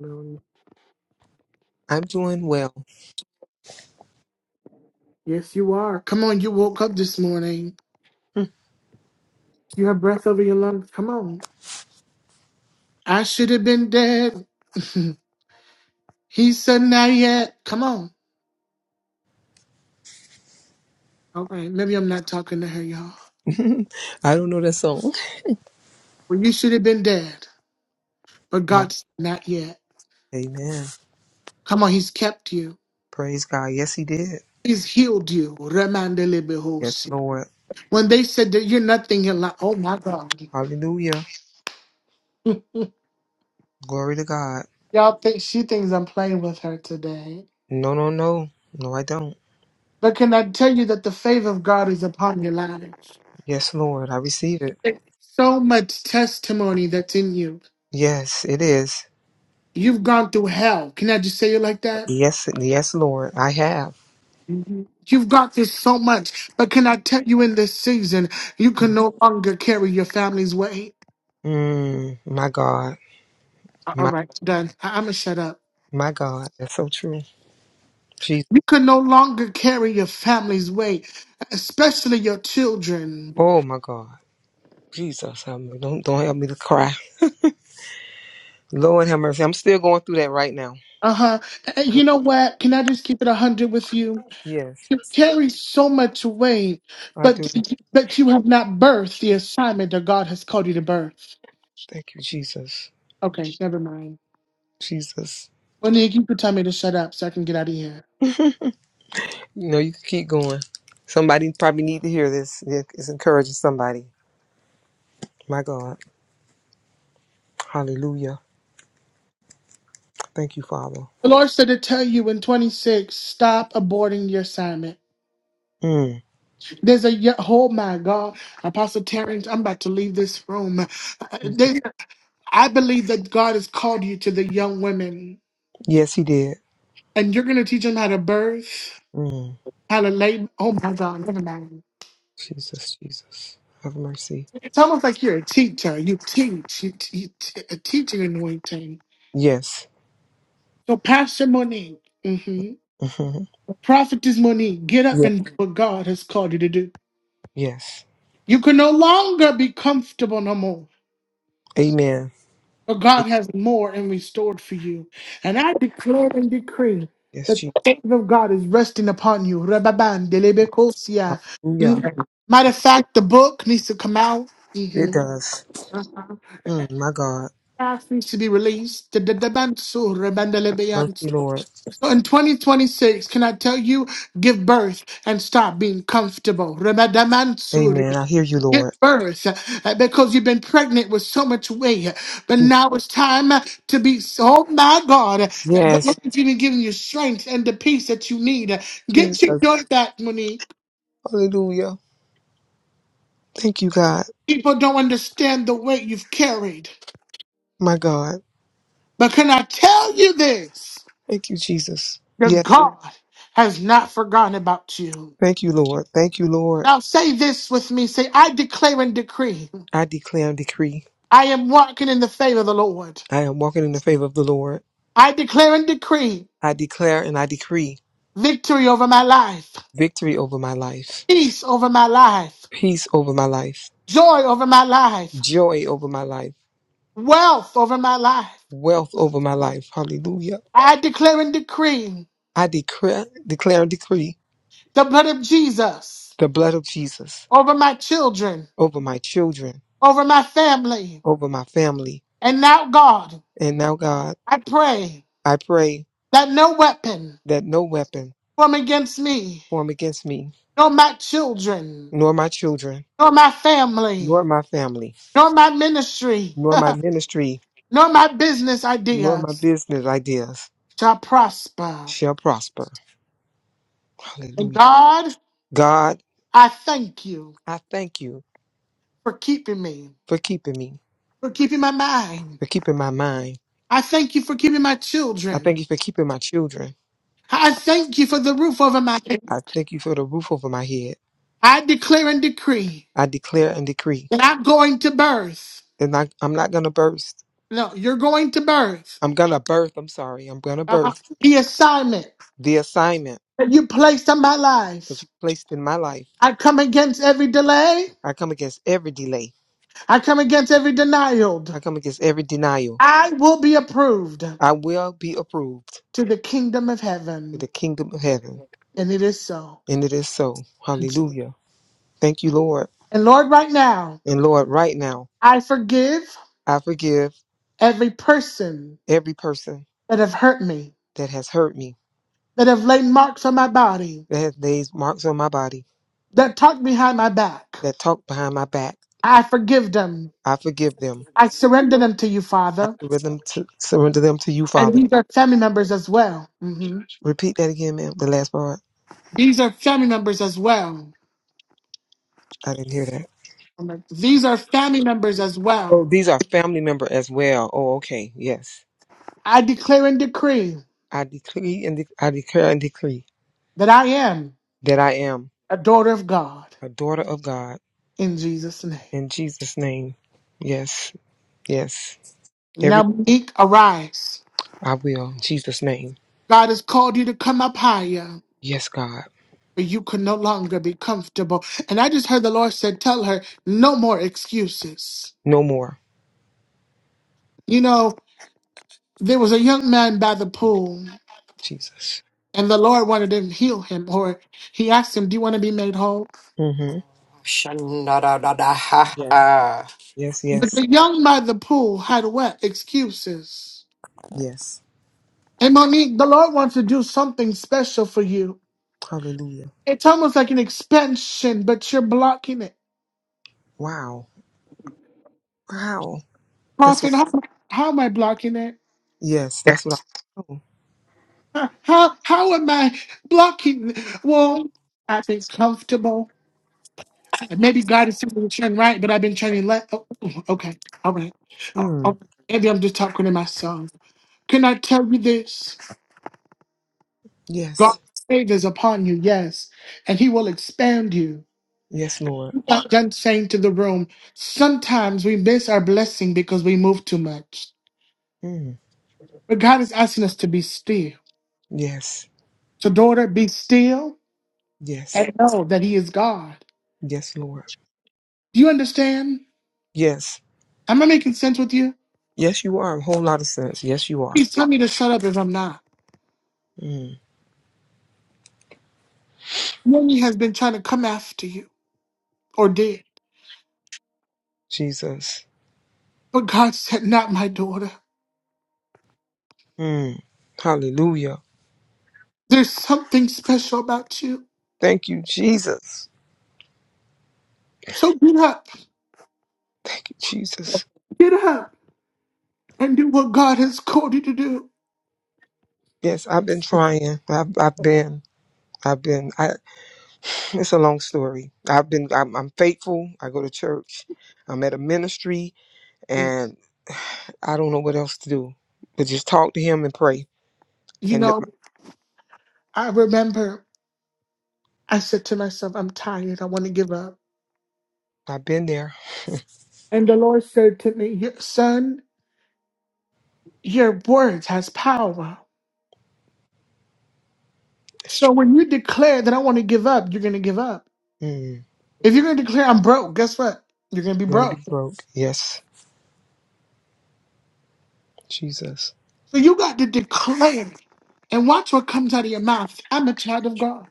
Monique, I'm doing well. Yes, you are. Come on, you woke up this morning. You have breath over your lungs. Come on. I should have been dead. he said not yet. Come on. All right. Maybe I'm not talking to her, y'all. I don't know that song. Well, you should have been dead. But My, God said not yet. amen. Come on, he's kept you. Praise God. Yes, he did. He's healed you. Yes, Lord. When they said that you're nothing, you're like, oh my God. Hallelujah. Glory to God. Y'all think she thinks I'm playing with her today. No, no, no. No, I don't. But can I tell you that the favor of God is upon your life? Yes, Lord. I receive it. There's so much testimony that's in you. Yes, it is. You've gone through hell. Can I just say it like that? Yes, yes, Lord. I have. Mhm. You've got through so much. But can I tell you in this season, you can Yes. no longer carry your family's weight? Mm, my God. A- All My right, done. I- I'm going to shut up. my God. That's so true. Jesus. You can no longer carry your family's weight, especially your children. Oh my God. Jesus. Help me. Don't don't help me to cry. Lord have mercy. I'm still going through that right now. Uh-huh. Uh huh. Mm, You know what? Can I just keep it a hundred with you? Yes, You carry so much weight, I but do. but you have not birthed the assignment that God has called you to birth. Thank you, Jesus. Okay, never mind. Jesus. Well, Nick, you can tell me to shut up so I can get out of here. No, you can keep going. Somebody probably need to hear this. It- It's encouraging somebody. My God. Hallelujah. Thank you, Father. The Lord said to tell you in 26, stop aborting your assignment. Mm. There's a ye- oh my God, Apostle Terrence, I'm about to leave this room. Uh, Jesus. there's- I believe that God has called you to the young women, Yes, he did. and you're going to teach them how to birth, Mm. how to labor. Oh my God, never mind. Jesus, Jesus. Have mercy. It's almost like you're a teacher. You teach, you, t- you t- a teaching anointing. Yes. So, Pastor Monique, mhm, hmm Prophetess Monique, get up Yeah. and do what God has called you to do. Yes. You can no longer be comfortable no more. Amen. But God has more and restored for you. And I declare and decree Yes, that the Jesus. favor of God is resting upon you. Rababan, delebekosia. Hallelujah. Mm. Matter of fact, the book needs to come out. It Mhm. does. Mm, my God. Fast Needs to be released. Dadabanso, Mercy, rabandelebeyanso. Lord. So in 2026, can I tell you, give birth and stop being comfortable? Rabadamansu, Amen. I hear you, Get Lord. first uh, because you've been pregnant with so much weight, but Jesus. now it's time uh, to be. Oh my God, uh, the Yes. Lord's even giving you strength and the peace that you need. Uh, Get your Jesus. daughter back, Monique. Hallelujah. Thank you, God. People don't understand the weight you've carried, My God. but can I tell you this? Thank you, Jesus. Your Yes, God has not forgotten about you. thank you, Lord. Thank you, Lord. Now say this with me. Say, I declare and decree, I declare and decree I am walking in the favor of the Lord. I am walking in the favor of the Lord. I declare and decree I declare and I decree victory over my life. victory over my life, peace over my life, peace over my life, joy over my life, joy over my life, wealth over my life. wealth over my life. Hallelujah. I declare and decree I declare, declare and decree the blood of Jesus the blood of Jesus over my children, over my children, over my family. over my family. And now, God, And now, God, I pray I pray that no weapon that no weapon formed against me, formed against me, nor my children, nor my children, nor my family, nor my family, nor my ministry, nor my ministry nor my business nor my ideas business ideas shall prosper. shall prosper. And Hallelujah. God, God, I thank you I thank you for keeping me, for keeping me, for keeping my mind for keeping my mind. I thank you for giving my I children. thank you for keeping my children. I thank you for the roof over my head. I thank you for the roof over my head. I declare and decree I declare and decree that I'm going to birth. that not- I'm not going to burst. No, you're going to birth. I'm going to birth. I'm sorry. I'm going to Uh, birth the assignment the assignment that you placed on my that life. you placed in my life. I come against every delay. I come against every delay. I come against every denial. I come against every denial. I will be approved I will be approved to the kingdom of to heaven. the kingdom of heaven. And it is so. And it is so. And Hallelujah. Thank you, Lord. Lord, right now, And Lord, right now, I forgive I forgive every person every person that have hurt me, that has hurt me, that have laid marks on my body, that has laid marks on my body, that talked behind my back. that talked behind my back. I forgive them. I forgive them. I surrender them to you, I Father. surrender them to surrender them to you, And Father. these are family members as well. hmm Repeat that again, ma'am. The last part. These are family members as well. I didn't hear that. like, These are family members as well. Oh, these are family member as well. Oh, okay. Yes. I declare and decree I decree and de- I declare and decree that I am that I am a daughter of God a daughter of God in Jesus' name. in Jesus' name. Yes. Yes. Every Now, Monique, arise. I will. In Jesus' name. God has called you to come up higher, Yes, God. but you can no longer be comfortable. And I just heard the Lord said, Tell her, no more excuses. No more. You know, There was a young man by the pool, Jesus. and the Lord wanted to heal him, or he asked him, Do you want to be made whole? Mm-hmm. Shandadadadaha. Yes, But yes, the young by the pool had what? Excuses. yes. And Monique, the Lord wants to do something special for you. Hallelujah. It's almost like an expansion, but you're blocking it. Wow. Wow. That's Prophet, what, how, how am I blocking it? yes, that's what I oh, Huh, How how am I blocking? Well, I think comfortable. And Maybe God is simply turn right, but I've been turning left. Oh, ooh, okay, all right. Oh, mm, oh, Maybe I'm just talking to myself. Can I tell you this? God's Yes. favor is upon you, yes, and He will expand you. Yes, Lord. I'm Not done saying to the room. Sometimes we miss our blessing because we move too much, Mm, but God is asking us to be still. yes. So, daughter, be still Yes. and know that He is God. Yes, Lord. Do you understand? Yes. Am I making sense with you? Yes, you are. A whole lot of sense. Yes, you are. Please tell me to shut up if I'm not. Mm, The enemy has been trying to come after you, or did. Jesus. But God said, Not my daughter. Mm, hallelujah. There's something special about you. Thank you, Jesus. So get up, Thank you, Jesus. get up, and do what God has called you to do. Yes, I've been trying. I've, I've been, I've been, I, it's a long story. I've been, I'm, I'm faithful. I go to church. I'm at a ministry. and I don't know what else to do but just talk to him and pray. You And the, know, I remember I said to myself, I'm tired. I want to give up. I've been there. And the Lord said to me, "Your- Son, your words has power. It's So true. when you declare that I want to give up, you're going to give up. Mm, If you're going to declare I'm broke, guess what? You're going to be gonna be broke. broke. Yes, Jesus. So you got to declare and watch what comes out of your mouth. I'm a child of God.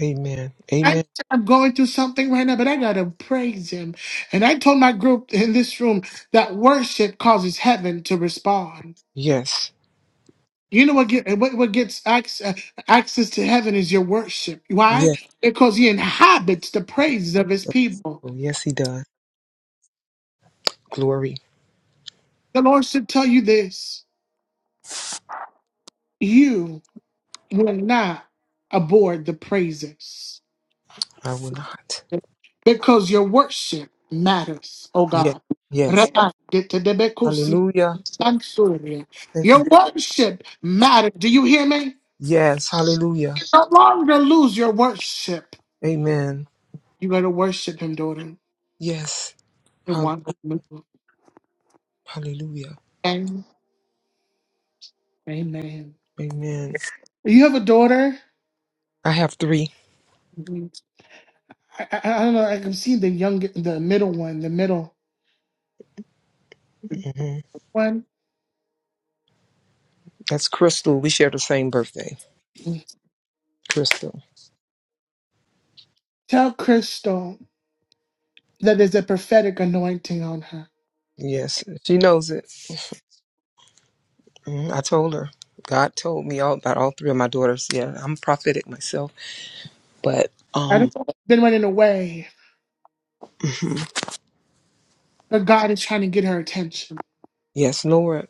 Amen. I, Amen. I'm going through something right now, but I gotta praise him. And I told my group in this room that worship causes heaven to respond. Yes. You know what, get, what, what gets access, access to heaven is your worship. Why? Yes. Because he inhabits the praises of his people. Oh, yes, He does. Glory. The Lord should tell you this you will not abhor the praises. I will not. because your worship matters, oh Yes. God. Yes. Rabbi, get to the Bekusi, Hallelujah. Sansoria. Thank Your you. worship matters. Do you hear me? Yes. Hallelujah. no longer lose your worship. Amen. You gotta worship him, daughter. Yes. You Hall- want to move. Hallelujah. Amen. Amen. Amen. You have a daughter? I have 3 Mhm. I, I, I don't know. I can see the young, the middle one, the middle hmm one. That's Crystal. We share the same birthday. Mhm. Crystal. Tell Crystal that there's a prophetic anointing on her. Yes, she knows it. Mhm. I told her. God told me all about all three of my daughters. Yeah, I'm prophetic myself, but I um, don't know if she's been running away. mhm. But God is trying to get her attention. yes, Nora.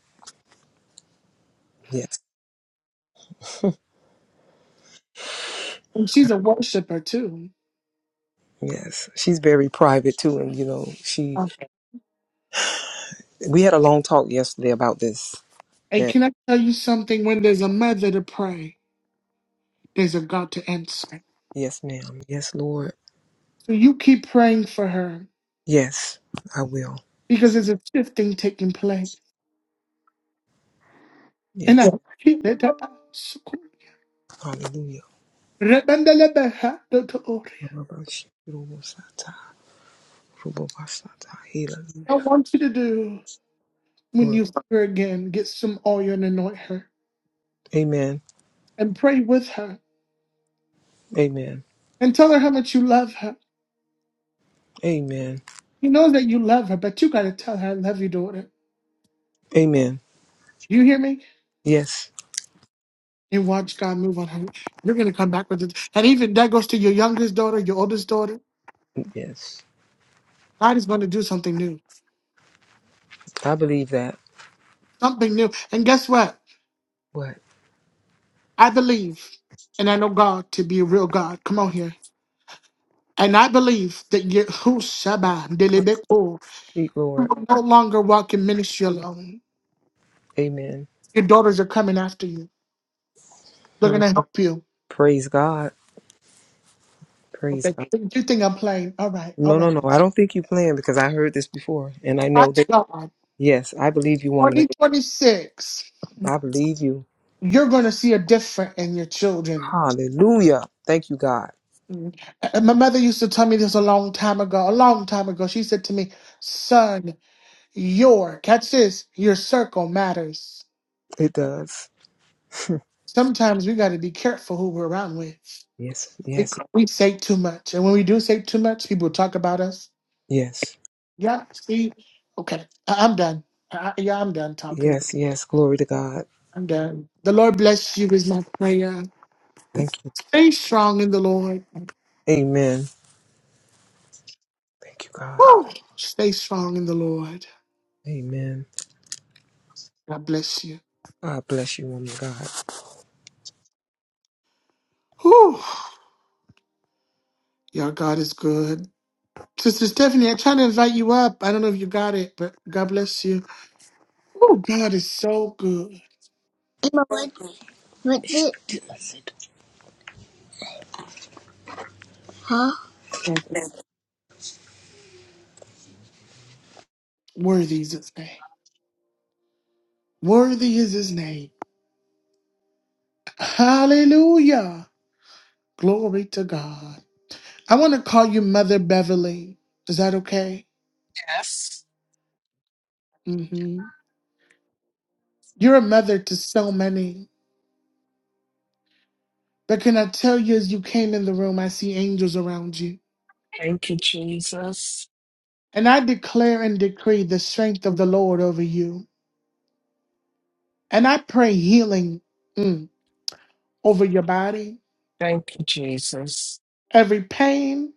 Yes, And she's a worshiper too. yes, she's very private too, and you know, she. Okay. We had a long talk yesterday about this. And And can I tell you something? When there's a mother to pray, there's a God to answer. yes, ma'am. Yes, Lord. So you keep praying for her Yes, I will. because there's a shifting taking place. And I I Yes, Hallelujah. want you to do when you see her again, get some oil and anoint her Amen. and pray with her Amen. and tell her how much you love her. Amen. You know that you love her, but you got to tell her, I love you, daughter. Amen. You hear me? Yes. and watch God move on her. You're going to come back with it. And even that goes to your youngest daughter, your oldest daughter. Yes. God is going to do something new, I believe that. something new. And guess what? What? I believe, and I know God to be a real God. Come on here. And I believe that you who Shabbat, Oh, Delebeko, Sweet you Lord. will no longer walk in ministry alone. Amen. Your daughters are coming after you. They're going Hmm. to help you. Praise God. Praise God. Okay. You think I'm playing? All right. All No, no, right. no. I don't think you playing because I heard this before. And I know Watch that, God. yes, I believe you, woman. 2026, I believe you. you're going to see a difference in your children. Hallelujah. Thank you, God. Mm. And My mother used to tell me this a long time ago, a long time ago. She said to me, Son, your, catch this, your circle matters. It does. Sometimes we got to be careful who we're around with. Yes, We, yes, we say too much. And when we do say too much, people talk about us. yes, Yeah, see? Okay, I, I'm done. I, I- yeah, I'm done talking. yes, yes. Glory to God. I'm done. The Lord bless you is my prayer. Thank you. Stay strong in the Lord. Amen. Thank you, God. Woo! Stay strong in the Lord. Amen. God bless you. God bless you, woman of God. Whew. Your God is good. Sister Stephanie, I am trying to invite you up. I don't know if you got it, but God bless you. Oh, God is so good. Emma, what, what did, huh? Worthy is his name. Worthy is his name. Hallelujah. Glory to God. I want to call you Mother Beverly. Is that okay? Yes. hmm You're a mother to so many. But can I tell you, as you came in the room, I see angels around you. Thank you, Jesus. And I declare and decree the strength of the Lord over you. And I pray healing mm, over your body. Thank you, Jesus. every pain,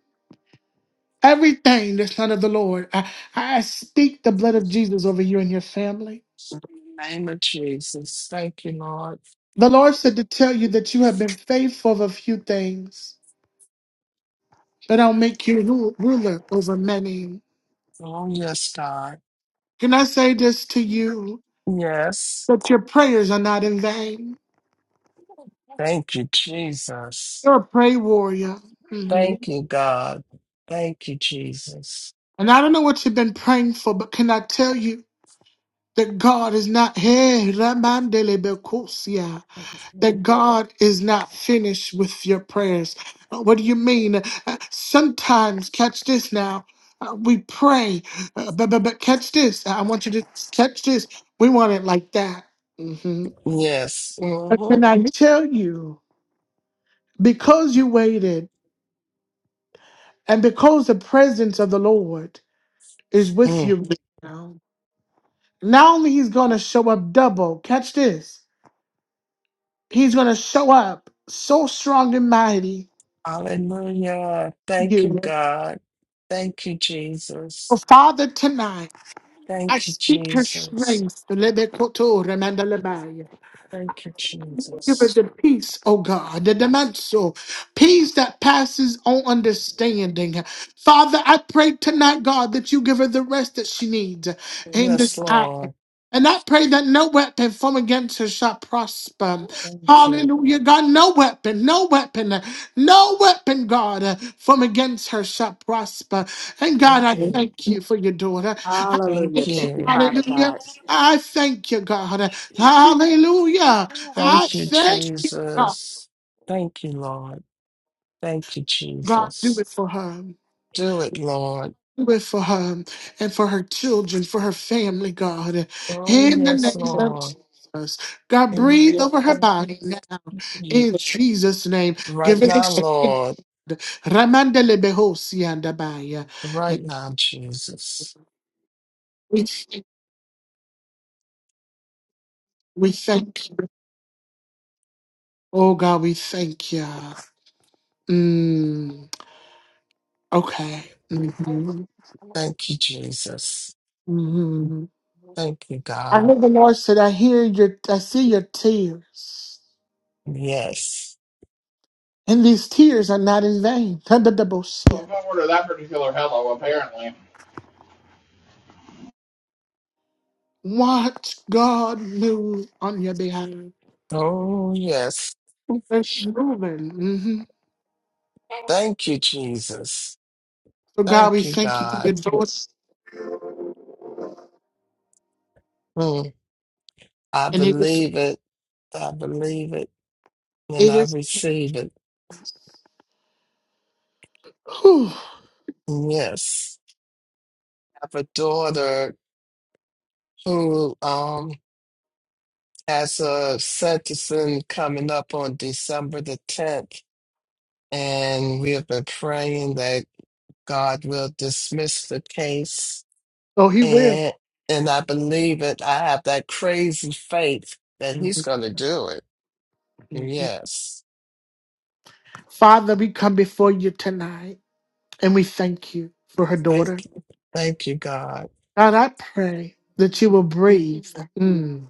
everything that's not of the Lord. I, I speak the blood of Jesus over you and your family. In the name of Jesus. Thank you, Lord. The Lord said to tell you that you have been faithful of a few things, but I'll make you ru- ruler over many. Oh, yes, God. Can I say this to you? Yes. That your prayers are not in vain. Thank you, Jesus. You're a prayer warrior. Thank Mhm. you, God. Thank you, Jesus. And I don't know what you've been praying for, but can I tell you that God is not here? that God is not finished with your prayers. Uh, What do you mean? Uh, Sometimes, catch this now. uh, we pray, uh, but, but but catch this. I want you to catch this. We want it like that. Mhm. Yes. But can Mm-hmm. I tell you, because you waited, and because the presence of the Lord is with you right now, not only He's going to show up double. Catch this. He's going to show up so strong and mighty. Hallelujah. Thank you, You, God. Thank you, So, Jesus. Father, tonight. I Thank you, speak her Jesus. strength. Lebekoto remandalebaya. Thank you, Give us Jesus. the peace, oh God, the dimension, peace that passes on understanding. Father, I pray tonight, God, that you give her the rest that she needs in Yes, this hour. Lord. And I pray that no weapon formed against her shall prosper. Thank you. Hallelujah, God. No weapon, no weapon, no weapon, God, uh, formed against her shall prosper. And God, I Thank you. thank you for your daughter. I Thank Hallelujah. thank you. Thank you, you. Father Hallelujah. God. I thank you, God. Hallelujah. I Thank you, thank you, God. Jesus. Thank you, Lord. Thank you, God, do Jesus. it for her. Do it, Lord. Do it for her and for her children, for her family, God. Oh, In the yes, name of Lord. Jesus. God, breathe Amen. over her body Yes. now. You- In Jesus' name. Right Give it now, Lord. strength. Ramandele behosi andabaya. Right And now, Jesus. We we thank you. Oh, God, we thank you. Mm, okay. Mhm. Thank you, Jesus. Mhm. Thank you, I God. heard the Lord said, I hear your, I see your tears. Yes. And these tears are not in vain. Well, Tadadabosia. if I order that particular hello, apparently. Watch God move on your behalf. Oh, yes. It's moving. hmm Thank you, Jesus. So God, Thank we you, thank you for your God. doors. Mm. I And it is, believe it. I believe it. And it I is, receive it. whew. Yes. I have a daughter who um has a sentencing coming up on December the 10th. And we have been praying that God will dismiss the case oh, he will. And and I believe it. I have that crazy faith that he's going to do it. Yes. Father, we come before you tonight and we thank you for her daughter. Thank thank you, God. God, I pray that you will breathe. Mm.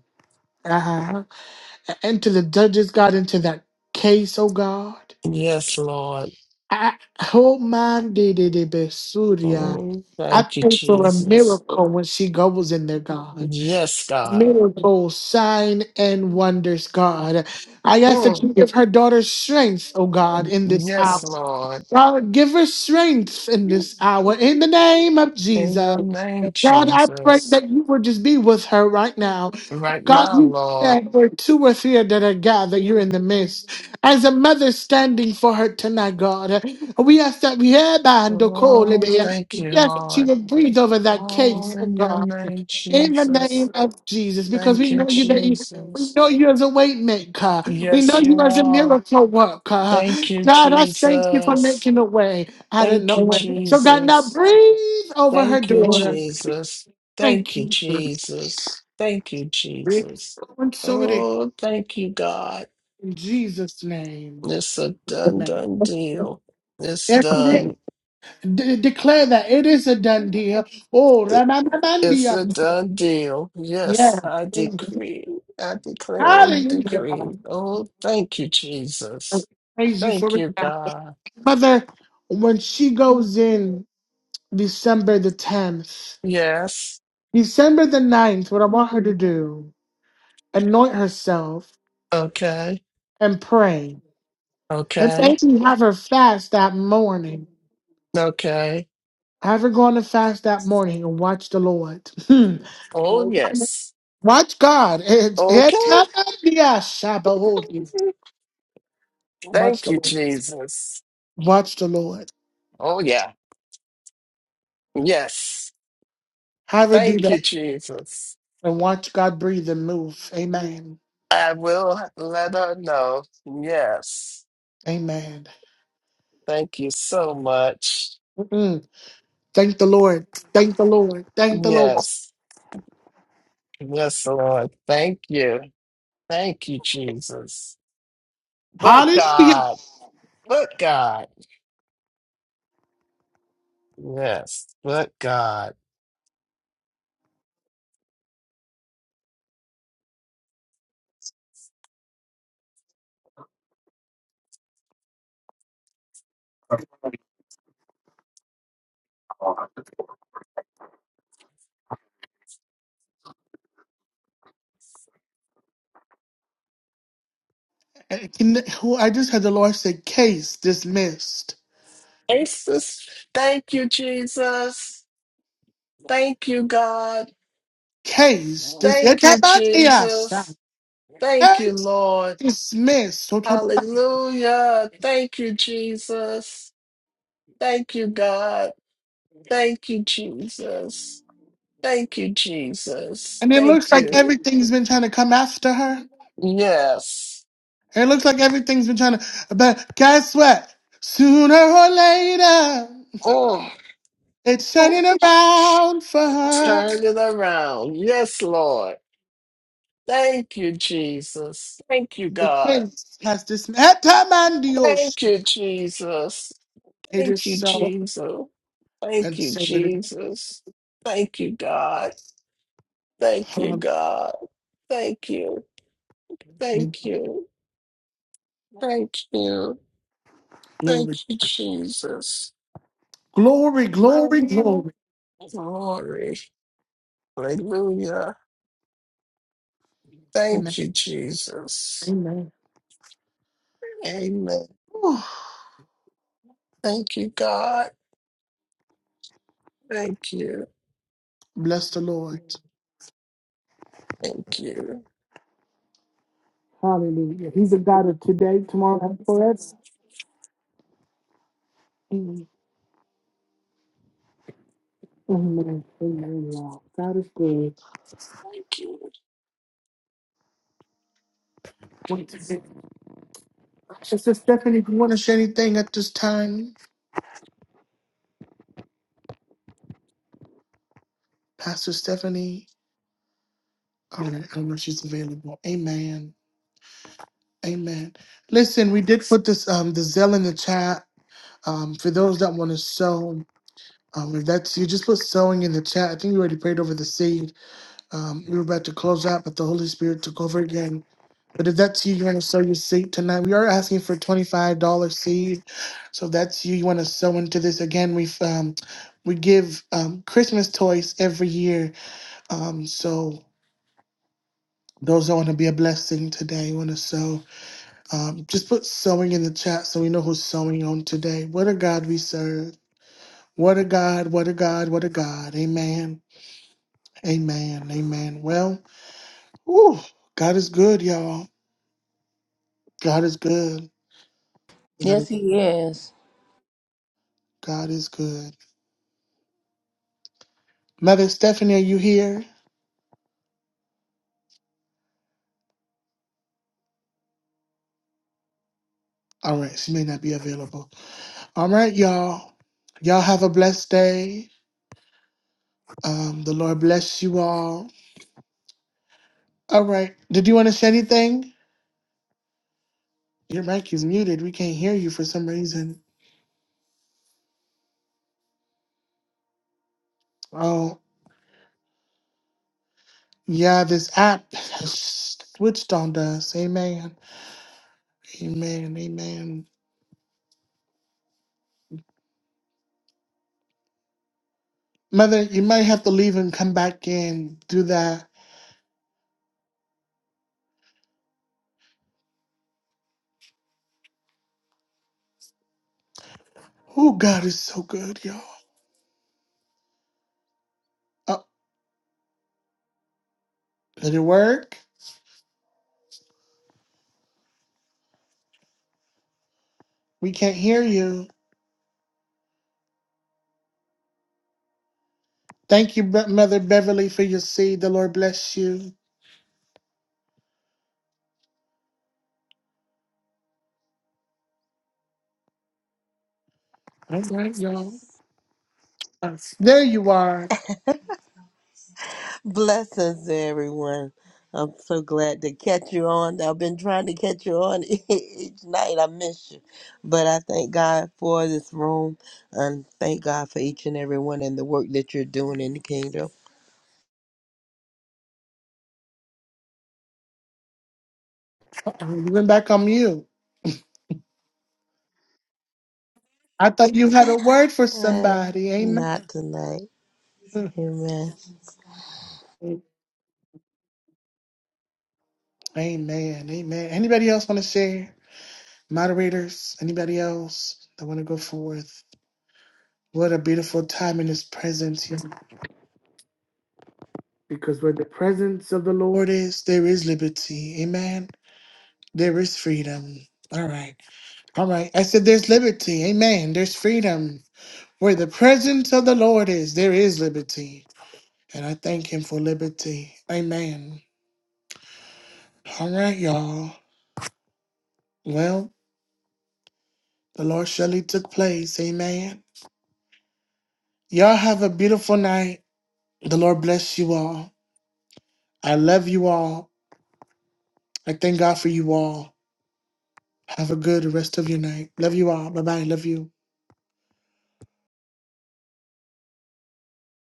and to the judges got into that case, oh God. Yes, Lord. I, oh man, did it it be Surya. Mm, I thank you, pray for a Jesus. miracle when she goes in there, God. Yes, God. Miracle, sign, and wonders, God. I ask that Mm, you give her daughter strength, oh God, in this hour. yes, Lord. God, give her strength in this hour in the name of In Jesus. your name, God, I pray Jesus. that you would just be with her right now. Right God, now, you Lord. said where two or three are that are gathered, you're in the midst. As a mother standing for her tonight, God, we ask that we have and the call, Oh, Yes, thank you, that you Lord. would breathe over that Oh, case, oh in your God. name, In the Jesus. name of Jesus, because we Thank you, know you, that you we Jesus. know you as a weight maker. We know Yes, you you as a are. miracle worker. Thank you, God, I thank you for Jesus. making a way out of Thank you, nowhere. So God, now Jesus. breathe over her Thank you, daughter. Jesus. Thank Thank you, you. Jesus. Thank you, Jesus. And so it is Oh, thank you, God. in Jesus' name. It's a done, Amen. done deal. It's Yes, it is. done. De- declare that it is a done deal. Oh, It's a Ramanamandia. done deal. Yes, Yes. I decree, I declare and Hallelujah. decree. Oh, thank you, Jesus. Praise you Thank for you, it. God. Mother, when she goes in December the 10th, Yes. December the ninth, what I want her to do, anoint herself Okay. and pray. And Okay. thank you, have her fast that morning. Okay. Have her go on a fast that morning and watch the Lord. Oh, Hmm. yes. watch God. It- it- Okay. yeah, Shabbat. Watch Thank the you, Lord. Jesus. Watch the Lord. Oh, yeah. Yes. Have her do Thank you, that Jesus. and watch God breathe and move. Amen. I will let her know. Yes. Amen. Thank you so much. Mm. Thank the Lord. Thank the Lord. Thank the Lord. Yes. Yes, Lord. Thank you. Thank you, Jesus. But Hallelujah. God, but God. Yes, but God. Can- who- I just had the Lord say, case dismissed. Jesus, thank you, Jesus. Thank you, God. Case Thank dismissed. you, Jesus. Thank you, Case Lord. dismissed. Hallelujah. Thank you, Jesus. Thank you, God. Thank you, Jesus. Thank you, Jesus. And it Thank looks like you. everything's been trying to come after her. Yes. It looks like everything's been trying to, but guess what? Sooner or later, Oh. it's turning around for her. Turn it around. Yes, Lord. Thank you, Jesus. Thank you, The God. case has dismissed. Thank you, Jesus. It Thank is you, so, Jesus. Thank and you, so it Jesus. Thank you, God. Thank you, is. God. Thank you. Thank you. Thank you. Thank Glory, you, Jesus. glory, glory, Oh, glory. glory. Hallelujah. Amen. Thank you, Jesus. Amen. Amen. Whew. Thank you, God. Thank you. Bless the Lord. Thank you. Hallelujah. He's the God of today, tomorrow, and forever. Amen. Amen. Amen. Wow. God is good. Thank you. Wait a minute. Sister Stephanie, if you want to say anything at this time, Pastor Stephanie, all right, I don't know if she's available. Amen. Amen. Listen, we did put this um the Zell in the chat. Um, for those that want to sow, um, if that's you, just put sewing in the chat. I think you already prayed over the seed. Um, we were about to close out, but the Holy Spirit took over again. But if that's you, you want to sow your seed tonight. We are asking for twenty-five dollar seed, so if that's you. You want to sow into this again? We um, we give um, Christmas toys every year. Um, so those that want to be a blessing today, you want to sow. Um, just put sowing in the chat so we know who's sowing on today. What a God we serve! What a God! What a God! What a God! Amen. Amen. Amen. Well, whew, God is good, y'all. God is good. God is Yes, He is. God is good. Mother Stephanie, are you here? All right, she may not be available. All right, y'all. Y'all have a blessed day. Um, the Lord bless you all. All right. Did you want to say anything? Your mic is muted. We can't hear you for some reason. Oh, yeah, this app has switched on us. Amen. Amen. Amen. Mother, you might have to leave and come back and do that. Oh, God is so good, y'all. Oh, did it work? We can't hear you. Thank you, Be- Mother Beverly, for your seed. The Lord bless you. All right, y'all. There you are. Blessings, everyone. I'm so glad to catch you on. I've been trying to catch you on each night. I miss you. But I thank God for this room and thank God for each and everyone and the work that you're doing in the kingdom. Uh-oh, you went back on mute. I thought you had a word for Uh, somebody. Amen. not tonight. Amen. Amen. Amen. Anybody else want to share? Moderators? Anybody else that want to go forth? What a beautiful time in His presence here. Because where the presence of the Lord is, there is liberty. Amen. There is freedom. All right. All right. I said there's liberty. Amen. There's freedom. Where the presence of the Lord is, there is liberty. And I thank him for liberty. Amen. All right, y'all. Well, the Lord surely took place. Amen. Y'all have a beautiful night. The Lord bless you all. I love you all. I thank God for you all. Have a good rest of your night. Love you all. Bye bye. Love you.